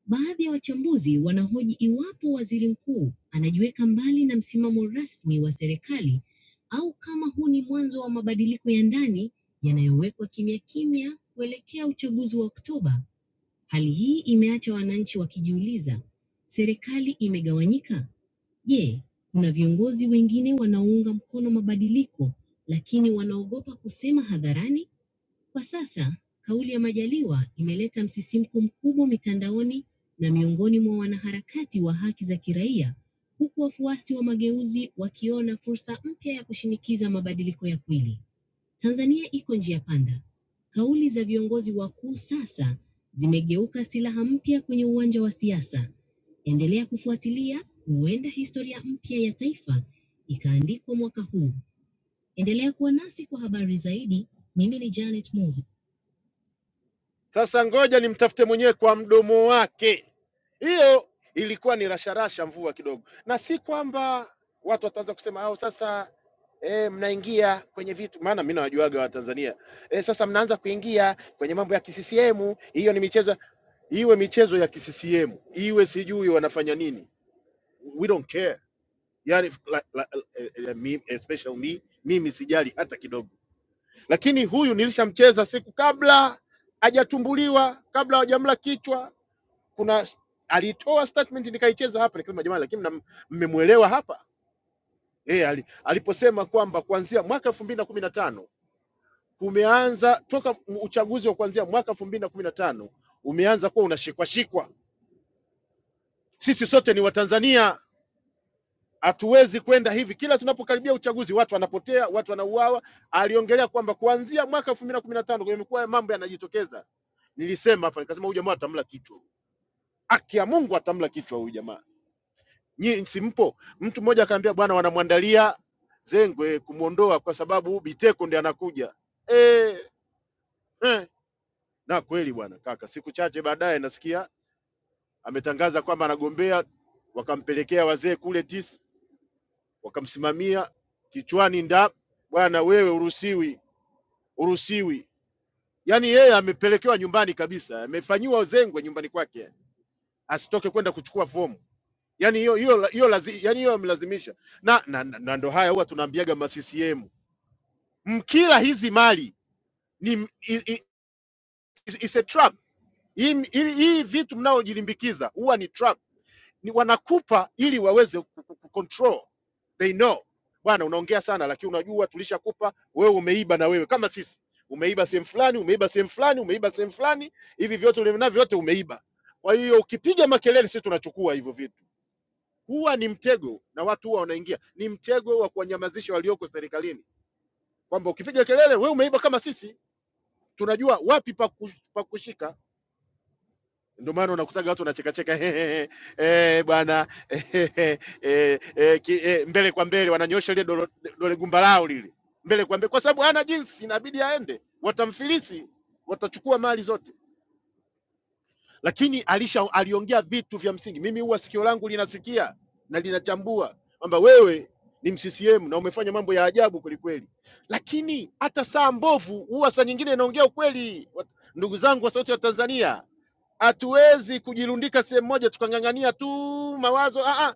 Speaker 2: Baadhi ya wachambuzi wanahoji iwapo waziri mkuu anajiweka mbali na msimamo rasmi wa serikali au kama huu ni mwanzo wa mabadiliko ya ndani yanayowekwa kimya kimya kuelekea uchaguzi wa Oktoba. Hali hii imeacha wananchi wakijiuliza, serikali imegawanyika? Je, kuna viongozi wengine wanaounga mkono mabadiliko lakini wanaogopa kusema hadharani? Kwa sasa kauli ya Majaliwa imeleta msisimko mkubwa mitandaoni na miongoni mwa wanaharakati wa haki za kiraia huku wafuasi wa mageuzi wakiona fursa mpya ya kushinikiza mabadiliko ya kweli. Tanzania iko njia panda. Kauli za viongozi wakuu sasa zimegeuka silaha mpya kwenye uwanja wa siasa. Endelea kufuatilia, huenda historia mpya ya taifa ikaandikwa mwaka huu. Endelea kuwa nasi kwa habari zaidi. Mimi ni Janet Moza. Sasa ngoja nimtafute mwenyewe kwa mdomo wake. Hiyo ilikuwa ni rasharasha mvua kidogo, na si kwamba watu wataanza kusema au sasa E, mnaingia kwenye vitu, maana mimi nawajuaga Watanzania e, sasa mnaanza kuingia kwenye mambo ya kiccm. Hiyo ni michezo, iwe michezo ya kiccm, iwe sijui wanafanya nini, we don't care. Yani like, like, eh, eh, me, especially me, mimi sijali hata kidogo lakini huyu nilishamcheza siku kabla hajatumbuliwa, kabla hajamla kichwa. Kuna alitoa statement nikaicheza hapa, nikasema jamani, lakini mna- mmemwelewa hapa yeye ali, aliposema kwamba kuanzia mwaka elfu mbili na kumi na tano kumeanza toka m- uchaguzi wa kuanzia mwaka elfu mbili na kumi na tano umeanza kuwa unashikwashikwa. Sisi sote ni Watanzania, Hatuwezi kwenda hivi, kila tunapokaribia uchaguzi watu wanapotea, watu wanauawa. Aliongelea kwamba kuanzia mwaka elfu mbili na kumi na tano yamekuwa mambo yanajitokeza. Nilisema hapa nikasema, huyu jamaa atamla kichwa, haki ya Mungu atamla kichwa huyu jamaa. Nyinyi simpo. Mtu mmoja akaambia, bwana, wanamwandalia zengwe kumwondoa kwa sababu Biteko ndiye anakuja. E, eh. Na kweli bwana kaka, siku chache baadaye nasikia ametangaza kwamba anagombea, wakampelekea wazee kule tisa wakamsimamia kichwani nda bwana wewe uruhusiwi uruhusiwi yaani yeye amepelekewa nyumbani kabisa amefanyiwa zengwe nyumbani kwake asitoke kwenda kuchukua fomu yaani hiyo hiyo hiyo lazi, yaani hiyo amelazimisha na, na, na, na ndo haya huwa tunaambiaga ma CCM mkila hizi mali ni m- i, i, is- is a trap hii hii- hii vitu mnaojilimbikiza huwa ni trap ni wanakupa ili waweze ku- ku- ku- control they know bwana unaongea sana lakini unajua tulishakupa wewe umeiba na wewe kama sisi umeiba sehemu fulani umeiba sehemu fulani umeiba sehemu fulani hivi vyote ulivyonayo vyote umeiba kwa hiyo ukipiga makelele sisi tunachukua hivyo vitu huwa ni mtego na watu huwa wanaingia ni mtego wa kuwanyamazisha walioko serikalini kwamba ukipiga kelele wewe umeiba kama sisi tunajua wapi pa ku- pa kushika ndio maana unakutaga watu wanachekacheka hehehe, eh, bwana eh, eh, eh, ki- eh, mbele kwa mbele, wananyosha lile dolo- dole gumba lao lile mbele kwa mbele, kwa sababu hana jinsi, inabidi aende, watamfilisi, watachukua mali zote. Lakini alisha aliongea vitu vya msingi. Mimi huwa sikio langu linasikia na linachambua kwamba wewe ni mccm na umefanya mambo ya ajabu kwelikweli, lakini hata saa mbovu huwa saa nyingine inaongea ukweli. Wat- Ndugu zangu wa Sauti ya Tanzania, hatuwezi kujirundika sehemu moja tukang'ang'ania tu mawazo ah, ah.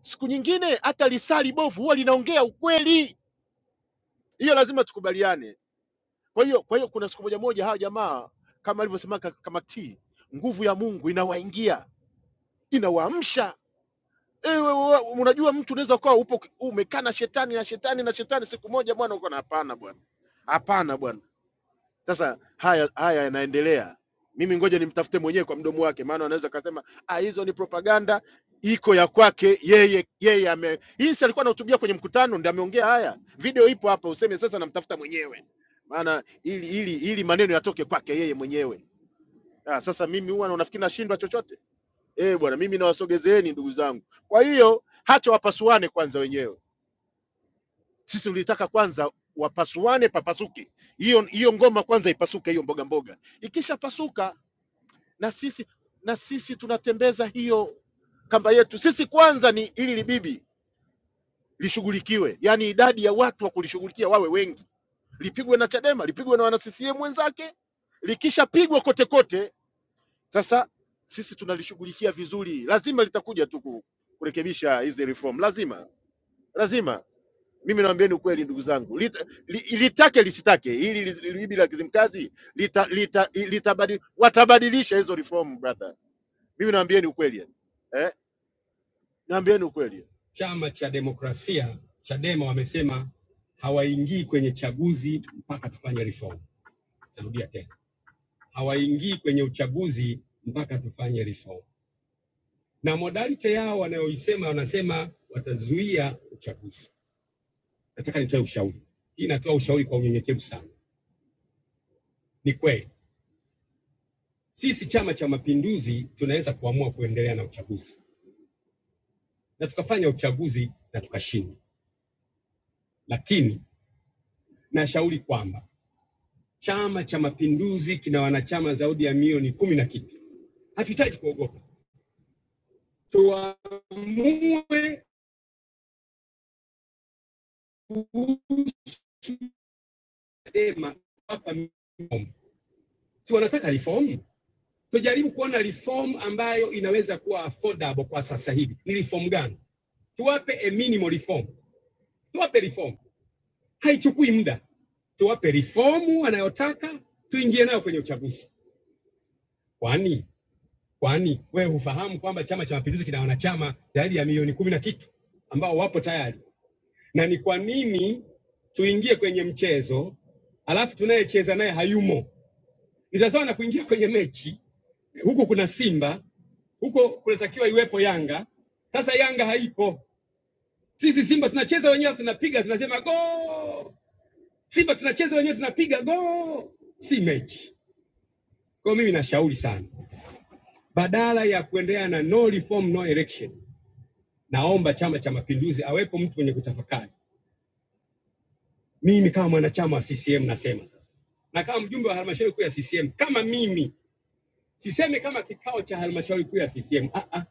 Speaker 2: Siku nyingine hata lisali bovu huwa linaongea ukweli, hiyo lazima tukubaliane. Kwa hiyo kwa hiyo kuna siku moja moja hawa jamaa kama alivyosema ka- kama T, nguvu ya Mungu inawaingia inawaamsha. Ewe, wa- unajua mtu unaweza ukawa upo umekaa na shetani na shetani na shetani, siku moja bwana uko na hapana bwana, hapana bwana Sasa haya haya yanaendelea, mimi ngoja nimtafute mwenyewe kwa mdomo wake, maana anaweza kasema ah, hizo ni propaganda, iko ya kwake yeye. Yeye ame hii, si alikuwa anahutubia kwenye mkutano, ndio ameongea haya. Video ipo hapa, useme sasa namtafuta mwenyewe, maana ili ili ili maneno yatoke kwake yeye mwenyewe. Ah, sasa mimi huwa unafikiri nashindwa chochote? Eh bwana, mimi nawasogezeeni ndugu zangu. Kwa hiyo hacha wapasuane kwanza wenyewe sisi tulitaka kwanza wapasuane, papasuke hiyo hiyo ngoma kwanza, ipasuke hiyo mboga mboga. Ikishapasuka na sisi na sisi tunatembeza hiyo kamba yetu. Sisi kwanza ni ili libibi lishughulikiwe, yaani idadi ya watu wa kulishughulikia wawe wengi, lipigwe na Chadema, lipigwe na wana CCM wenzake. Likishapigwa kote kote, sasa sisi tunalishughulikia vizuri. Lazima litakuja tu ku- kurekebisha hizi reform, lazima lazima. mimi naambieni ukweli ndugu zangu Lita, li, litake lisitake hili li- bibi la Kizimkazi lita, lita, litabadi, watabadilisha hizo reform brother, mimi naambieni ukweli yani. eh? naambieni ukweli Chama cha Demokrasia Chadema wamesema hawaingii kwenye chaguzi mpaka tufanye reform. Narudia tena, hawaingii kwenye uchaguzi mpaka tufanye reform, na modality yao wanayoisema, wanasema watazuia uchaguzi. Nataka nitoe ushauri, hii natoa ushauri kwa unyenyekevu sana. Ni kweli sisi Chama cha Mapinduzi tunaweza kuamua kuendelea na uchaguzi na tukafanya uchaguzi na tukashinda, lakini nashauri kwamba Chama cha Mapinduzi kina wanachama zaidi ya milioni kumi na kitu. Hatuhitaji kuogopa, tuamue kuhusu Chadema hapa. Si wanataka reform? Tujaribu kuona reform ambayo inaweza kuwa affordable kwa sasa hivi. Ni reform gani? Tuwape a minimal reform, tuwape reform haichukui muda, tuwape reformu anayotaka tuingie nayo kwenye uchaguzi. Kwani kwani wewe hufahamu kwamba Chama cha Mapinduzi kina wanachama zaidi ya milioni kumi na kitu ambao wapo tayari? Na ni kwa nini tuingie kwenye mchezo alafu tunayecheza naye hayumo? Ni sawasawa na kuingia kwenye mechi, huku kuna Simba, huko kunatakiwa iwepo Yanga. Sasa Yanga haipo, sisi Simba tunacheza wenyewe, tunapiga, tunasema go Simba tunacheza wenyewe, tunapiga goo, si mechi. Kwa hiyo mimi nashauri sana, badala ya kuendelea na no reform no election, naomba Chama cha Mapinduzi awepo mtu mwenye kutafakari. Mimi kama mwanachama wa CCM nasema sasa, na kama mjumbe wa halmashauri kuu ya CCM, kama mimi sisemi kama kikao cha halmashauri kuu ya CCM. Ah, ah.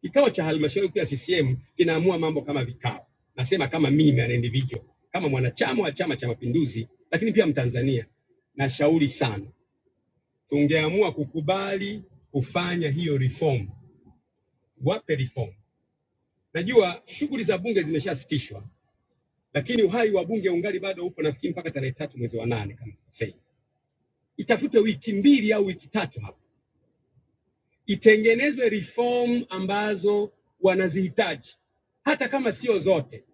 Speaker 2: Kikao cha halmashauri kuu ya CCM kinaamua mambo kama vikao, nasema kama mimi an individual, kama mwanachama wa Chama cha Mapinduzi, lakini pia Mtanzania, nashauri sana tungeamua kukubali kufanya hiyo reform. Wape reform. Najua shughuli za bunge zimeshasitishwa, lakini uhai wa bunge ungali bado upo, nafikiri mpaka tarehe tatu mwezi wa nane kama sikosei. Itafute wiki mbili au wiki tatu hapo, itengenezwe reform ambazo wanazihitaji, hata kama sio zote.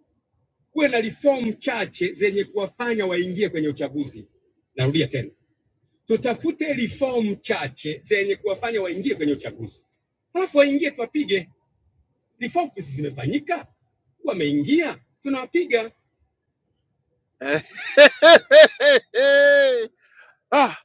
Speaker 2: Kuwe na reform chache zenye kuwafanya waingie kwenye uchaguzi. Narudia tena, tutafute reform chache zenye kuwafanya waingie kwenye uchaguzi, halafu waingie tuwapige reform zimefanyika, wameingia, tunawapiga. *laughs* ah,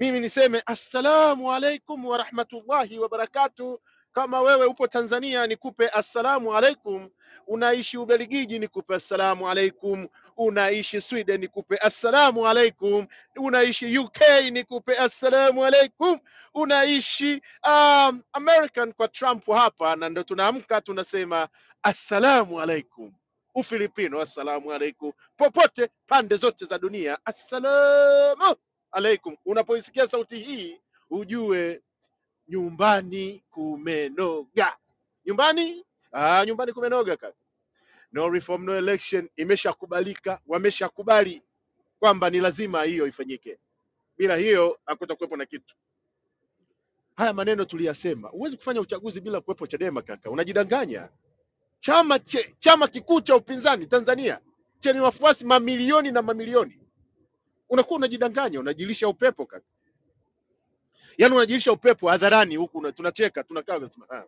Speaker 2: mimi niseme assalamu alaikum wa rahmatullahi wa barakatu. Kama wewe upo Tanzania nikupe assalamu alaikum, unaishi Ubelgiji nikupe assalamu alaikum, unaishi Sweden nikupe assalamu alaikum, unaishi UK nikupe assalamu alaikum, unaishi um, American kwa Trump hapa, na ndo tunaamka tunasema assalamu alaikum. Ufilipino assalamu alaikum popote pande zote za dunia. Assalamu alaikum. Unapoisikia sauti hii, ujue nyumbani kumenoga. Nyumbani ah, nyumbani kumenoga kaka. No reform no election imeshakubalika, wameshakubali kwamba ni lazima hiyo ifanyike. Bila hiyo hakutakuwepo na kitu. Haya maneno tuliyasema, huwezi kufanya uchaguzi bila kuwepo Chadema kaka, unajidanganya. Chama che, chama kikuu cha upinzani Tanzania chenye wafuasi mamilioni na mamilioni unakuwa unajidanganya unajilisha upepo kaka yaani unajilisha upepo hadharani huku una- tunacheka tunakaa tunasema ah,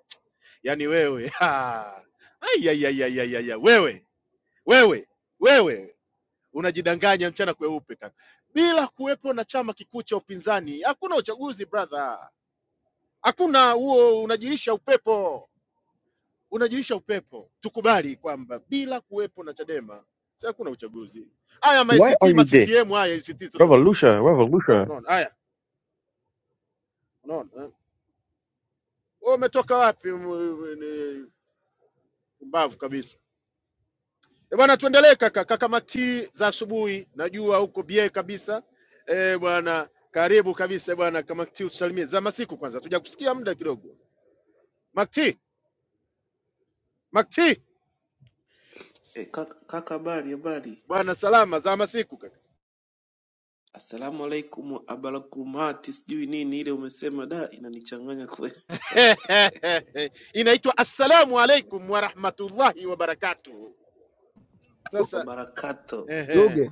Speaker 2: yaani wewe *laughs* ha. ai, ai, ai, ai, ai, ai, ai, wewe wewe wewe unajidanganya mchana kweupe kaka bila kuwepo na chama kikuu cha upinzani hakuna uchaguzi brother hakuna huo unajilisha upepo unajilisha upepo tukubali kwamba bila kuwepo na chadema si hakuna uchaguzi haya ma
Speaker 7: Why
Speaker 2: ACT
Speaker 7: are you
Speaker 2: ma
Speaker 7: gay?
Speaker 2: CCM haya ACT sasa
Speaker 7: Revolution, revolution.
Speaker 2: unaona haya unaona eh. Wewe umetoka wapi? m- m- ni Pumbavu kabisa. Eh, bwana tuendelee kaka kaka Mati za asubuhi. Najua huko bie kabisa. Eh, bwana karibu kabisa bwana kama Mati usalimie. Za masiku kwanza. Hatuja kusikia muda kidogo. Mati, Mati
Speaker 8: Eh, kaka, kaka habari habari.
Speaker 2: bwana salama za masiku kaka.
Speaker 8: Assalamu alaikum abarakumati sijui nini ile umesema da inanichanganya kweli.
Speaker 2: *laughs* Inaitwa assalamu alaikum wa rahmatullahi wa barakatuh. Sasa
Speaker 8: Wabarakato.
Speaker 2: ehe. Eh,
Speaker 6: Ruge,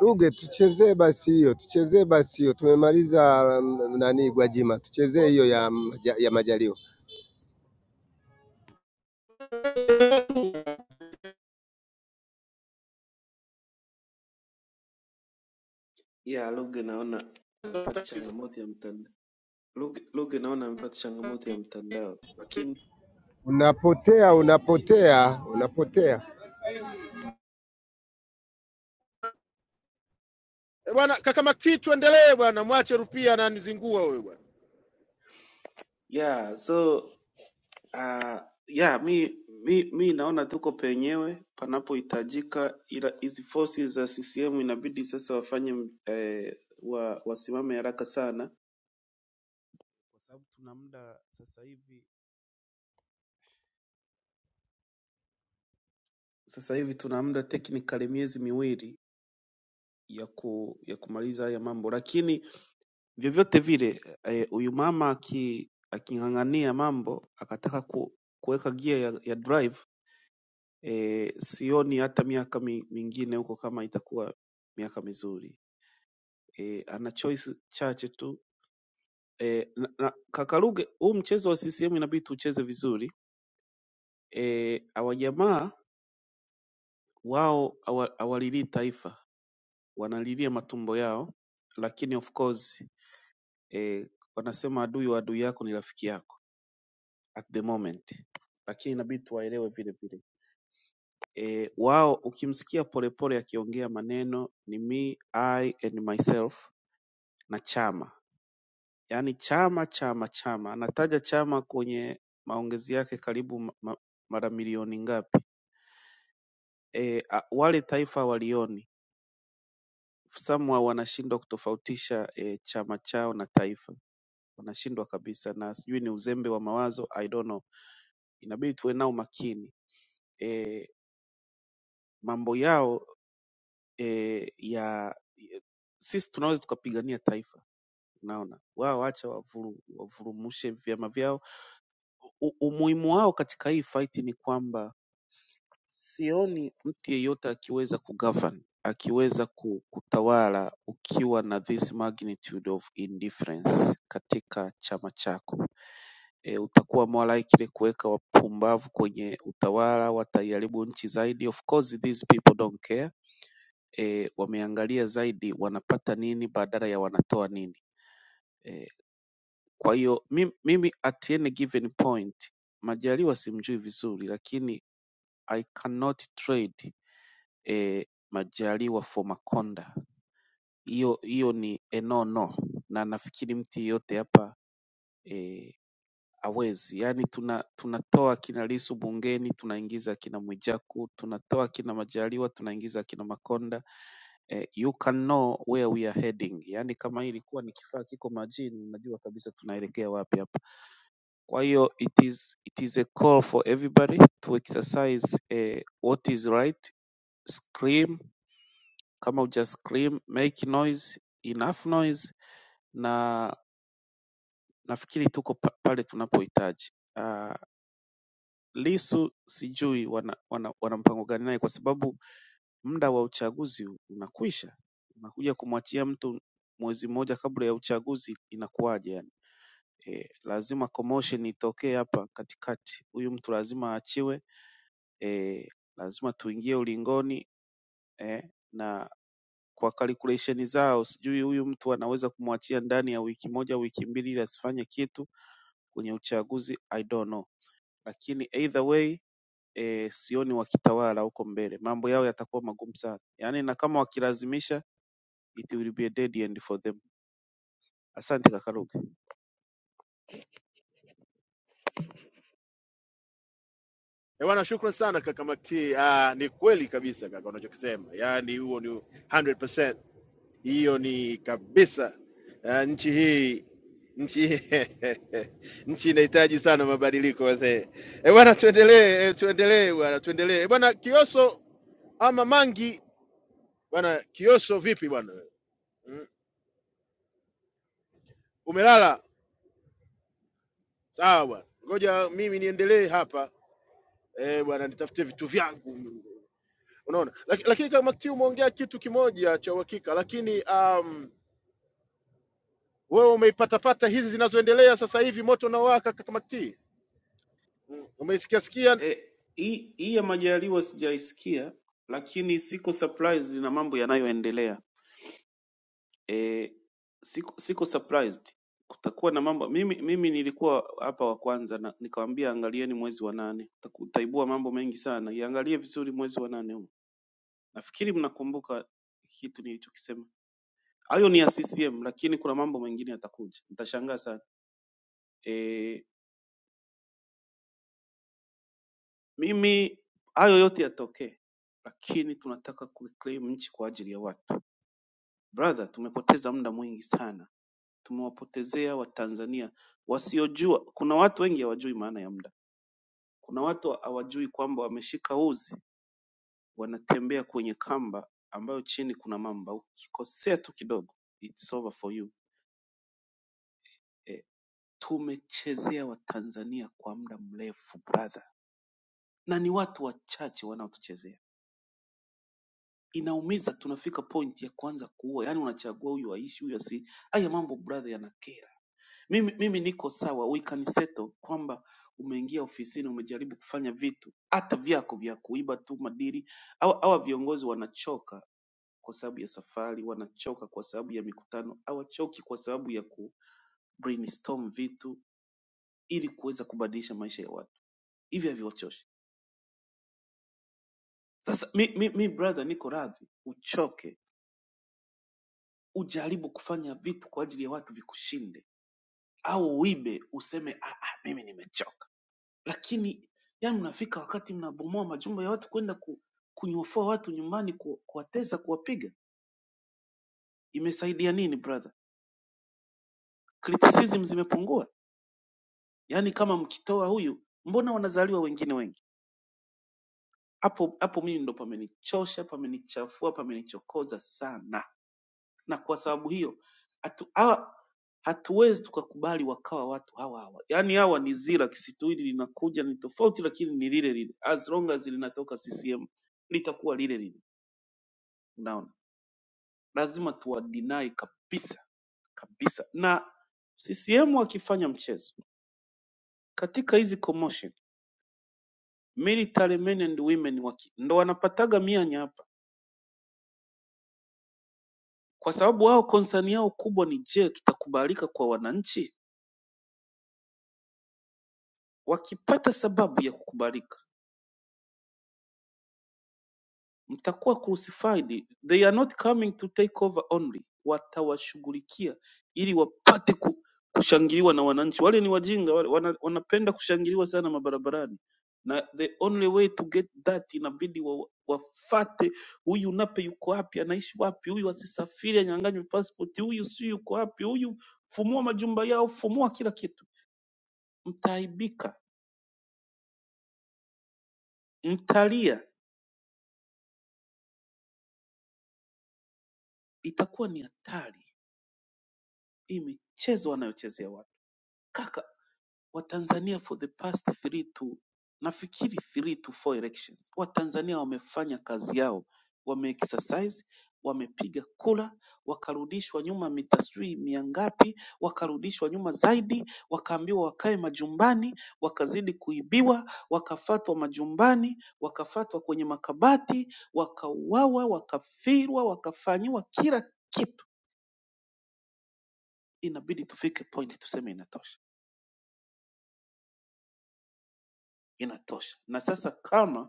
Speaker 6: Ruge tuchezee basi hiyo, tuchezee basi hiyo. Tumemaliza mm, nani Gwajima, tuchezee hiyo ya, maja- ya majaliwa.
Speaker 8: Ya Luge naona amepata changamoto ya mtandao. Luge, Luge naona amepata changamoto ya mtandao. Lakini
Speaker 6: Unapotea, unapotea, unapotea.
Speaker 2: Eh, bwana kaka Mati tuendelee bwana mwache rupia ananizingua wewe bwana.
Speaker 8: ya so uh, ya mi, mi mi naona tuko penyewe panapohitajika, ila hizi forces za CCM inabidi sasa wafanye eh, wa, wasimame haraka sana kwa sababu tuna muda sasa hivi sasa hivi tuna muda technically miezi miwili ya, ku, ya kumaliza haya mambo, lakini vyovyote vile eh, huyu e, mama aki- aking'ang'ania mambo akataka ku, kuweka gia ya, ya drive eh, sioni hata miaka mi, mingine huko kama itakuwa miaka mizuri eh, ana choice chache tu eh, na, na, Kakaruge, huu mchezo wa CCM inabidi tucheze vizuri eh, awa jamaa wao hawa- hawalilii taifa wanalilia matumbo yao lakini of course eh, wanasema adui wa adui yako ni rafiki yako at the moment lakini inabidi tuwaelewe vile vile eh, wao ukimsikia polepole akiongea maneno ni me I and myself na chama yaani chama chama chama anataja chama kwenye maongezi yake karibu ma, ma, mara milioni ngapi e, a, wale taifa walioni samwa wanashindwa kutofautisha e, chama chao na taifa wanashindwa kabisa na sijui ni uzembe wa mawazo I don't know. Inabidi tuwe nao makini mambo yao eh, ya e, sisi tunaweza tukapigania taifa unaona wao wacha wavuru, wavurumushe vyama vyao U, umuhimu wao katika hii fight ni kwamba sioni mtu yeyote akiweza kugovern akiweza ku- kutawala ukiwa na this magnitude of indifference katika chama chako e, utakuwa more likely kuweka wapumbavu kwenye utawala wataiharibu nchi zaidi of course these people don't care e, wameangalia zaidi wanapata nini badala ya wanatoa nini e, kwa hiyo mimi, mimi at any given point Majaliwa simjui vizuri lakini I cannot trade e, Majaliwa for Makonda hiyo hiyo ni a no no na nafikiri mtu yeyote hapa e, hawezi. Yaani tuna, tunatoa kina Lissu bungeni tunaingiza kina Mwijaku, tunatoa kina Majaliwa tunaingiza kina Makonda. Eh, you can know where we are heading. Yaani kama hii ilikuwa ni kifaa kiko majini, unajua kabisa tunaelekea wapi hapa. Kwa hiyo it is, it is a call for everybody to exercise eh, what is right, scream kama uja scream, make noise, enough noise na nafikiri tuko pa, pale tunapohitaji. Ah, Lissu sijui wana wana, wana mpango gani naye kwa sababu muda wa uchaguzi unakwisha. Unakuja kumwachia mtu mwezi mmoja kabla ya uchaguzi inakuwaje yani? Eh, lazima commotion itokee hapa katikati. Huyu mtu lazima aachiwe. Eh, lazima tuingie ulingoni eh, na kwa calculation zao sijui huyu mtu anaweza kumwachia ndani ya wiki moja wiki mbili ili asifanye kitu kwenye uchaguzi I don't know. Lakini either way eh, sioni wakitawala huko mbele, mambo yao yatakuwa magumu sana yaani, na kama wakilazimisha, it will be a dead end for them. Asante kaka Luke.
Speaker 2: Eh, Bwana, shukran sana kaka Makti. Ah, ni kweli kabisa kaka unachokisema, yaani huo ni 100%. Hiyo ni kabisa ah, nchi hii nchi *laughs* nchi inahitaji sana mabadiliko wazee. Eh bwana, tuendelee eh, tuendelee bwana, tuendelee Eh, bwana Kioso ama Mangi bwana Kioso, vipi bwana? Mm, Umelala? Sawa bwana, ngoja mimi niendelee hapa eh bwana, nitafute vitu vyangu unaona Laki, lakini kama tiu umeongea kitu kimoja cha uhakika lakini um, wewe umeipatapata hizi zinazoendelea sasa hivi moto unaowaka kaka makti Mm, umeisikia sikia
Speaker 8: E, hii hii ya Majaliwa sijaisikia, lakini siko surprised na mambo yanayoendelea. E, siko, siko surprised kutakuwa na mambo. Mimi, mimi nilikuwa hapa wa kwanza na nikawaambia angalieni mwezi wa nane, Utaku- utaibua mambo mengi sana, iangalie vizuri mwezi wa nane huu. Nafikiri mnakumbuka kitu nilichokisema. hayo ni ya CCM, lakini kuna mambo mengine yatakuja, mtashangaa sana. E, mimi hayo yote yatokee, lakini tunataka kureclaim nchi kwa ajili ya watu. Brother, tumepoteza muda mwingi sana, tumewapotezea Watanzania wasiojua. Kuna watu wengi hawajui maana ya muda, kuna watu hawajui kwamba wameshika uzi, wanatembea kwenye kamba ambayo chini kuna mamba. Ukikosea tu kidogo, it's over for you. E, tumechezea Watanzania kwa muda mrefu brother na ni watu wachache wanaotuchezea. Inaumiza, tunafika point ya kuanza kuua, yani unachagua huyu aishi, huyu asi. Haya mambo brother, yanakera. Mimi, mimi niko sawa, we can settle kwamba umeingia ofisini, umejaribu kufanya vitu hata vyako vya kuiba tu madiri. Hawa hawa viongozi wanachoka kwa sababu ya safari, wanachoka kwa sababu ya mikutano, hawachoki kwa sababu ya ku brainstorm vitu ili kuweza kubadilisha maisha ya watu. Hivi haviwachoshi. Sasa mi, mi, mi brother, niko radhi uchoke Ujaribu kufanya vitu kwa ajili ya watu vikushinde, au uibe useme ah, ah, mimi nimechoka. Lakini yani, mnafika wakati mnabomoa majumba ya watu kwenda ku, kunyofoa watu nyumbani, ku, kuwatesa, kuwapiga. Imesaidia nini brother? Criticism zimepungua? Yaani kama mkitoa huyu, mbona wanazaliwa wengine wengi? Hapo hapo mimi ndo pamenichosha, pamenichafua, pamenichokoza sana. na kwa sababu hiyo hatu, hawa, hatuwezi tukakubali wakawa watu hawa hawa. Yaani hawa ni zira, kisitu hili linakuja ni tofauti, lakini ni lile lile. As long as linatoka CCM litakuwa lile lile. Unaona, lazima tuwadinai kabisa kabisa. Na CCM wakifanya mchezo katika hizi commotion, military men and women waki, ndo wanapataga mianya hapa, kwa sababu wao konsani yao kubwa ni je, tutakubalika kwa wananchi? Wakipata sababu ya kukubalika mtakuwa crucified they are not coming to take over only watawashughulikia ili wapate ku, kushangiliwa na wananchi wale ni wajinga wale, wana, wanapenda kushangiliwa sana mabarabarani na the only way to get that inabidi wa, wafate huyu nape yuko wapi anaishi wapi huyu asisafiri anyanganywe passport huyu si yuko wapi huyu fumua majumba yao fumua kila kitu mtaaibika mtalia itakuwa ni hatari hii michezo wanayochezea watu kaka Watanzania for the past three to nafikiri three to four elections, Watanzania wamefanya kazi yao, wameexercise, wamepiga kura, wakarudishwa nyuma mita sijui mia ngapi, wakarudishwa nyuma zaidi, wakaambiwa wakae majumbani, wakazidi kuibiwa, wakafatwa majumbani, wakafatwa kwenye makabati, wakauawa, wakafirwa, wakafanyiwa kila kitu. Inabidi tufike point tuseme inatosha, inatosha. Na sasa kama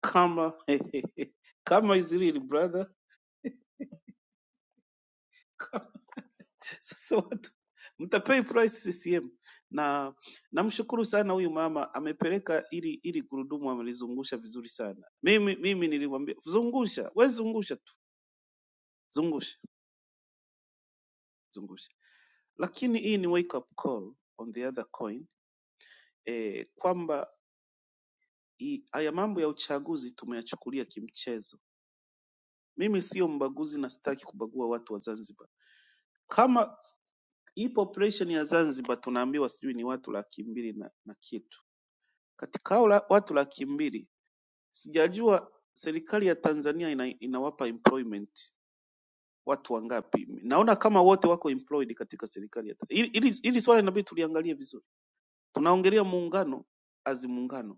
Speaker 8: kama *laughs* kama Israel brother. *laughs* Sasa watu mtapay price CCM. Na namshukuru sana huyu mama amepeleka ili ili gurudumu amelizungusha vizuri sana. Mimi mimi nilimwambia zungusha, wewe zungusha tu, zungusha, zungusha. Lakini hii ni wake up call on the other coin eh, kwamba hii- haya mambo ya uchaguzi tumeyachukulia kimchezo. Mimi sio mbaguzi na sitaki kubagua watu wa Zanzibar. Kama Ipo operesheni ya Zanzibar tunaambiwa sijui ni watu laki mbili na, na kitu. Katika hao la, watu laki mbili sijajua serikali ya Tanzania ina, inawapa employment watu wangapi? Naona kama wote wako employed katika serikali ya Tanzania. Hili hili- hili swala inabidi tuliangalie vizuri. Tunaongelea muungano azi muungano,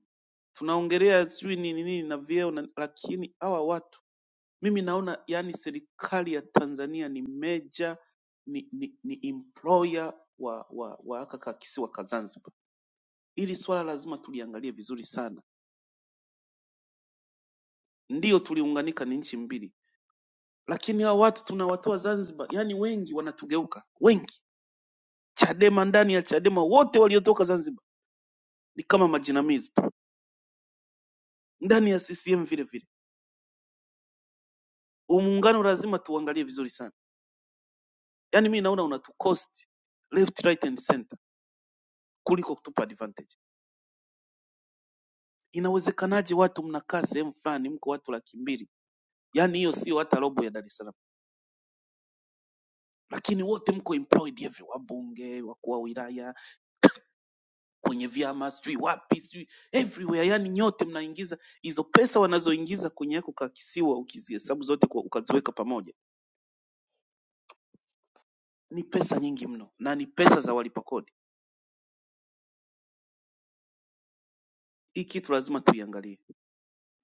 Speaker 8: tunaongelea sijui ni nini na vyeo, na- lakini hawa watu mimi naona yani serikali ya Tanzania ni meja ni, ni, ni employer wa wa wa haka ka kisiwa ka Zanzibar. Hili swala lazima tuliangalie vizuri sana. Ndiyo tuliunganika ni nchi mbili, lakini hawa watu tunawatoa Zanzibar, yani wengi wanatugeuka, wengi Chadema, ndani ya Chadema wote waliotoka Zanzibar ni kama majinamizi tu, ndani ya CCM vile vile. Huu muungano lazima tuangalie vizuri sana, yani mi naona unatucost left right and center kuliko kutupa advantage. inawezekanaje watu mnakaa sehemu fulani mko watu laki mbili yaani hiyo sio hata robo ya Dar es Salaam lakini wote mko employed everywhere wabunge wakuu wa wilaya kwenye vyama sijui wapi sijui everywhere yani nyote mnaingiza hizo pesa wanazoingiza kwenye yako ka kisiwa ukizihesabu zote kwa, ukaziweka pamoja ni pesa nyingi mno na ni pesa za walipa kodi hii kitu lazima tuiangalie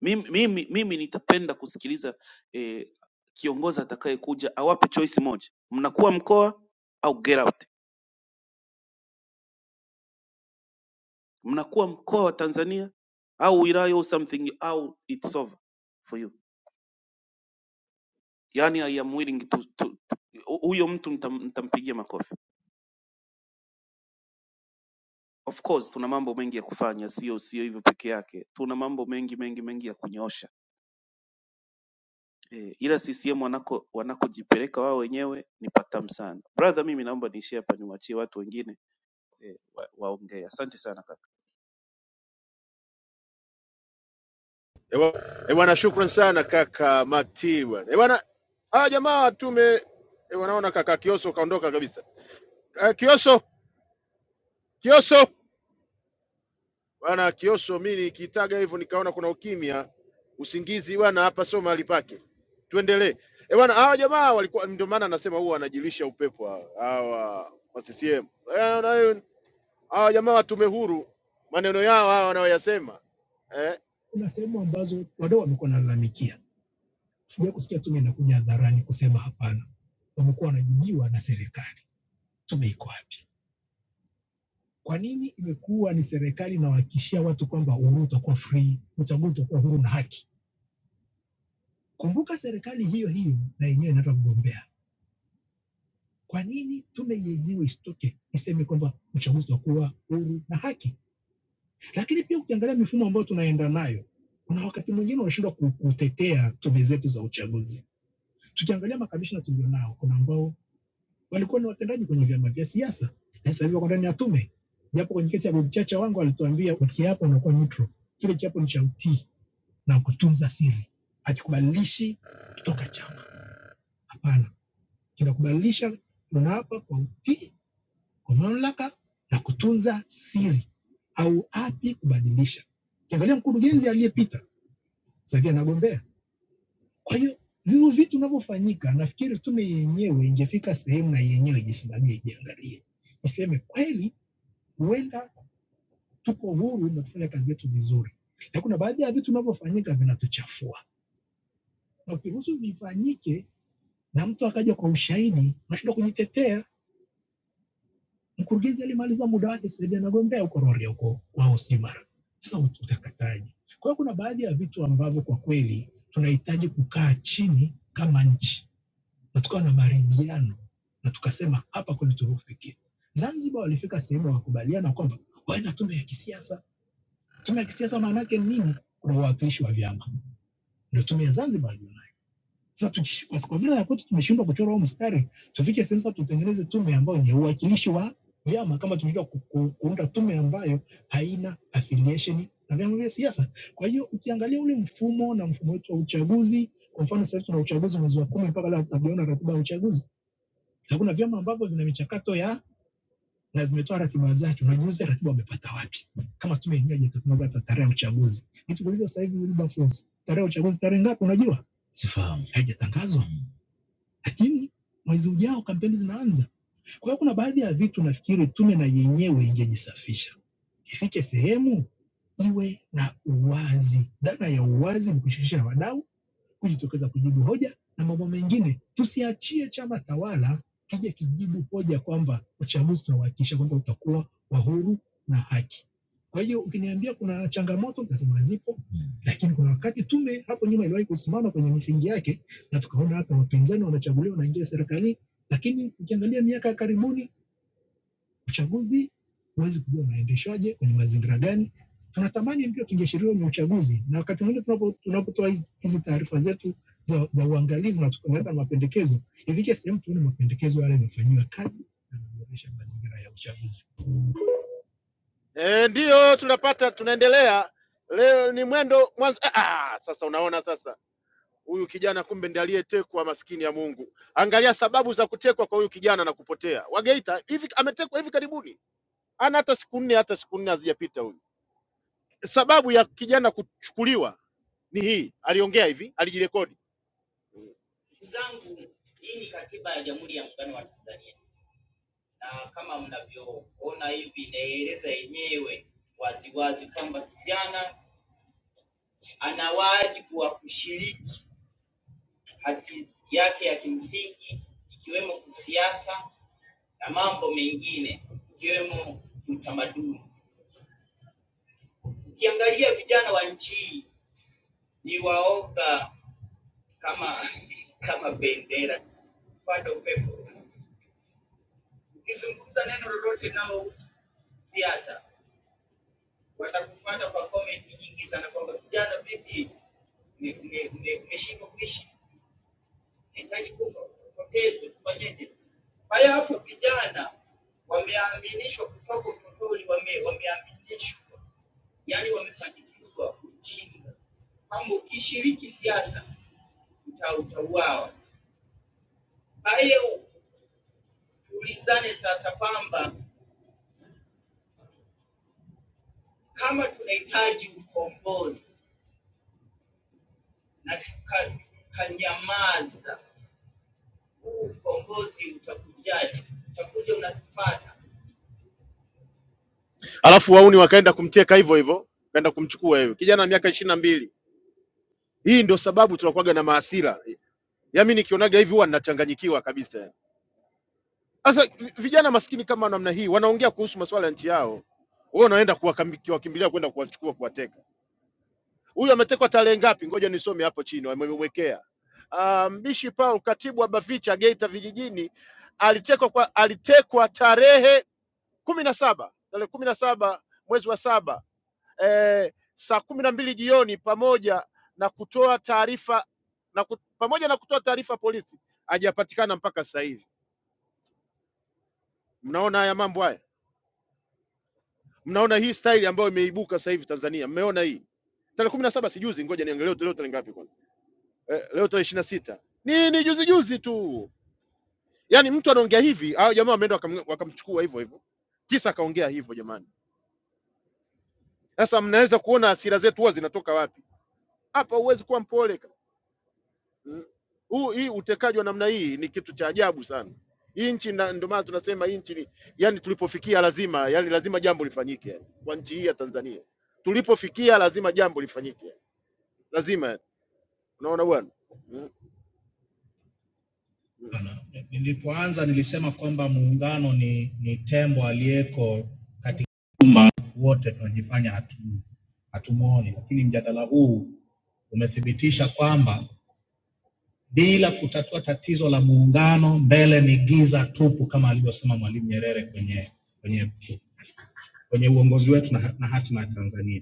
Speaker 8: mimi, mimi, mimi nitapenda kusikiliza eh, kiongozi atakayekuja awape choice moja mnakuwa mkoa au get out mnakuwa mkoa wa tanzania au wilaya au something au its over for you yani i am willing to, to, to hu- huyo mtu mtam, mtampigia makofi of course tuna mambo mengi ya kufanya sio sio hivyo peke yake tuna mambo mengi mengi mengi ya kunyoosha e, ila ccm wanako wanakojipeleka wao wenyewe ni patamu sana brother mimi naomba niishie hapa niwachie watu wengine e, waongee wa waongee. asante sana
Speaker 2: Ewa- eh, bwana shukran sana kaka makti bwana Eh, bwana hawa jamaa tume eh, wanaona kaka kioso kaondoka kabisa Eh, kioso kioso Bwana Kiosho, mi nikitaga hivyo nikaona kuna ukimya, usingizi bwana, hapa sio mahali pake. Tuendelee eh bwana. Hawa jamaa walikuwa, ndio maana nasema huwa wanajilisha upepo hawa hawa wa CCM. Eh, na- hiyo Hawa jamaa wa tume huru, maneno yao hawa wanaoyasema eh, Kuna sehemu ambazo wadau wamekuwa wanalalamikia, sija kusikia tume inakuja hadharani kusema hapana, wamekuwa wanajibiwa na serikali, tume iko wapi? Kwa nini imekuwa ni serikali inawahakikishia watu kwamba uhuru utakuwa free, uchaguzi utakuwa huru na haki? Kumbuka serikali hiyo hiyo na yenyewe inataka kugombea. Ili tubu isitoke iseme kwamba uchaguzi utakuwa huru na haki. Lakini pia ukiangalia mifumo ambayo tunaenda nayo, kuna wakati mwingine wanashindwa ku- kutetea tume zetu chaguzi. Tukiangalia makamishna, tuna- kuna ambao walikuwa ni watendaji kwenye vyama vya siasa na sasa hivi wako ndani ya tume, japo kwenye kesi ya Bob Chacha wangu alituambia ukiapo unakuwa neutral, kile kiapo ni cha utii na kutunza siri, hakikubadilishi toka chama. Hapana, tunakubalisha unaapa kwa utii kwa mamlaka na kutunza siri, au api kubadilisha. Kiangalia mkurugenzi aliyepita sasa hivi anagombea. Kwa hiyo vivyo vitu vinavyofanyika, nafikiri tume yenyewe ingefika sehemu na yenyewe ijisimamie, ijiangalie, iseme kweli, huenda tuko huru na tufanya kazi yetu vizuri, na kuna baadhi ya vitu vinavyofanyika vinatuchafua, na ukiruhusu vifanyike na mtu akaja kwa ushahidi, unashindwa kujitetea Mkurugenzi alimaliza muda wake, sasa hivi anagombea huko Rorya huko kwao Simara. Sasa utakataje? Kwa hiyo kuna baadhi ya vitu ambavyo kwa kweli tunahitaji kukaa chini kama nchi na tukawa na maridhiano na tukasema hapa kweli tulifikia. Zanzibar walifika sehemu wakakubaliana kwamba wawe na tume ya kisiasa. Tume ya kisiasa maana yake nini? Kuna uwakilishi wa vyama, ndio tume ya Zanzibar. Sasa tukish- kwa kwa vile ya kwetu tumeshindwa kuchora huo mstari, tufike sehemu sasa tutengeneze tume ambayo ni uwakilishi wa vyama, kama tumeshindwa ku- ku- kuunda tume ambayo haina affiliation na vyama vya siasa. Kwa hiyo ukiangalia ule mfumo na mfumo wetu wa uchaguzi, kwa mfano sasa hivi tuna uchaguzi mwezi wa kumi, mpaka leo hatujaona ratiba ya uchaguzi, na kuna vyama ambavyo vina michakato ya na zimetoa ratiba zake. Unajiuliza ratiba wamepata wapi, kama tume yenyewe haijatangaza hata tarehe ya uchaguzi. Nikuuliza sasa hivi Wilberforce, tarehe ya uchaguzi tarehe ngapi? Unajua sifahamu, haijatangazwa lakini mwezi ujao kampeni zinaanza. Kwa hiyo kuna baadhi ya vitu nafikiri tume na yenyewe ingejisafisha, ifike sehemu iwe na uwazi. Dhana ya uwazi ni kushirikisha wadau kujitokeza kujibu hoja na mambo mengine. Tusiachie chama tawala kija kijibu hoja kwamba uchaguzi tunauhakikisha kwamba utakuwa wa huru na haki. Kwa hiyo ukiniambia kuna changamoto, nitasema zipo, lakini kuna wakati tume hapo nyuma iliwahi kusimama kwenye misingi yake, na tukaona hata wapinzani wanachaguliwa wanaingia serikalini, lakini ukiangalia miaka ya karibuni uchaguzi huwezi kujua unaendeshwaje kwenye mazingira gani. Tunatamani ndio tungeashiria ni uchaguzi, na wakati mwingine tunapo- tunapotoa hizi hizi taarifa zetu za, za uangalizi na tukaweka mapendekezo, ifike sehemu tuone mapendekezo yale yamefanyiwa kazi na kuboresha mazingira ya uchaguzi. E, ndiyo tunapata, tunaendelea leo. Ni mwendo mwanzo. Ah, ah, sasa unaona sasa, huyu kijana kumbe ndiye aliyetekwa, maskini ya Mungu. Angalia sababu za kutekwa kwa huyu kijana na kupotea Wageita, hivi ametekwa hivi karibuni ana hata siku nne hata siku nne hazijapita huyu. Sababu ya kijana kuchukuliwa ni hii, aliongea hivi, alijirekodi, alafu wauni wakaenda kumteka hivyo hivyo, kaenda kumchukua hivyo. Kijana wa miaka ishirini na mbili. Hii ndio sababu tunakuwaga na mahasira. Yami nikionaga hivi huwa nachanganyikiwa kabisa. yaani. Sasa vi- vijana maskini kama namna hii wanaongea kuhusu masuala ya nchi yao, wewe unaenda kuwakam- kuwakimbilia kwenda kuwachukua kuwateka. Huyu ametekwa tarehe ngapi? Ngoja nisome hapo chini wamemwekea. Ah, Mbishi Paul, katibu wa Bavicha Geita vijijini, alitekwa kwa alitekwa tarehe kumi na saba tarehe kumi na saba mwezi wa saba eh, saa kumi na mbili jioni pamoja na kutoa taarifa na ku, pamoja na kutoa taarifa polisi, hajapatikana mpaka sasa hivi. Mnaona haya mambo haya, mnaona hii staili ambayo imeibuka sasa hivi Tanzania, mmeona hii tarehe kumi na saba sijuzi, ngoja niangalie leo tarehe ngapi kwanza. eh, leo tarehe ishirini na sita nini, juzi juzi tu. Yani mtu anaongea hivi, hao jamaa wameenda wakam- wakamchukua hivyo hivyo, kisa akaongea hivyo. Jamani, sasa mnaweza kuona hasira zetu huwa zinatoka wapi? Hapa huwezi kuwa mpole ka- Mm. huu hii utekaji wa namna hii ni kitu cha ajabu sana hii nchi, na ndio maana tunasema hii nchi ni yani, tulipofikia lazima yani, lazima jambo lifanyike yani, kwa nchi hii ya Tanzania tulipofikia lazima jambo lifanyike yani, lazima yani. Unaona bwana, Mm. Sana. Nilipoanza nilisema kwamba muungano ni, ni tembo aliyeko katika wote, tunajifanya hatu hatumwoni, lakini mjadala huu umethibitisha kwamba bila kutatua tatizo la muungano, mbele ni giza tupu, kama alivyosema Mwalimu Nyerere kwenye kwenye kwenye uongozi wetu na, ha- na hatima ya Tanzania.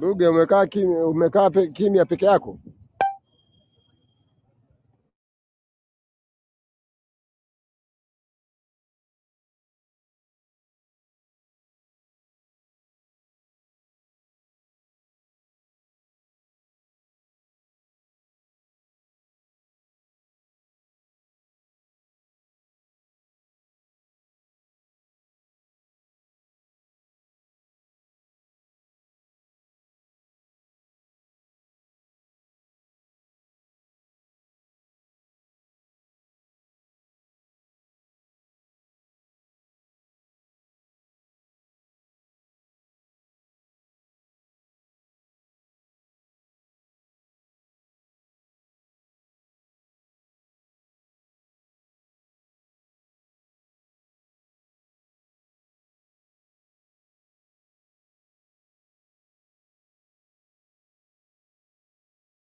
Speaker 6: Ruge umekaa kimya, umekaa pe, kimya peke yako.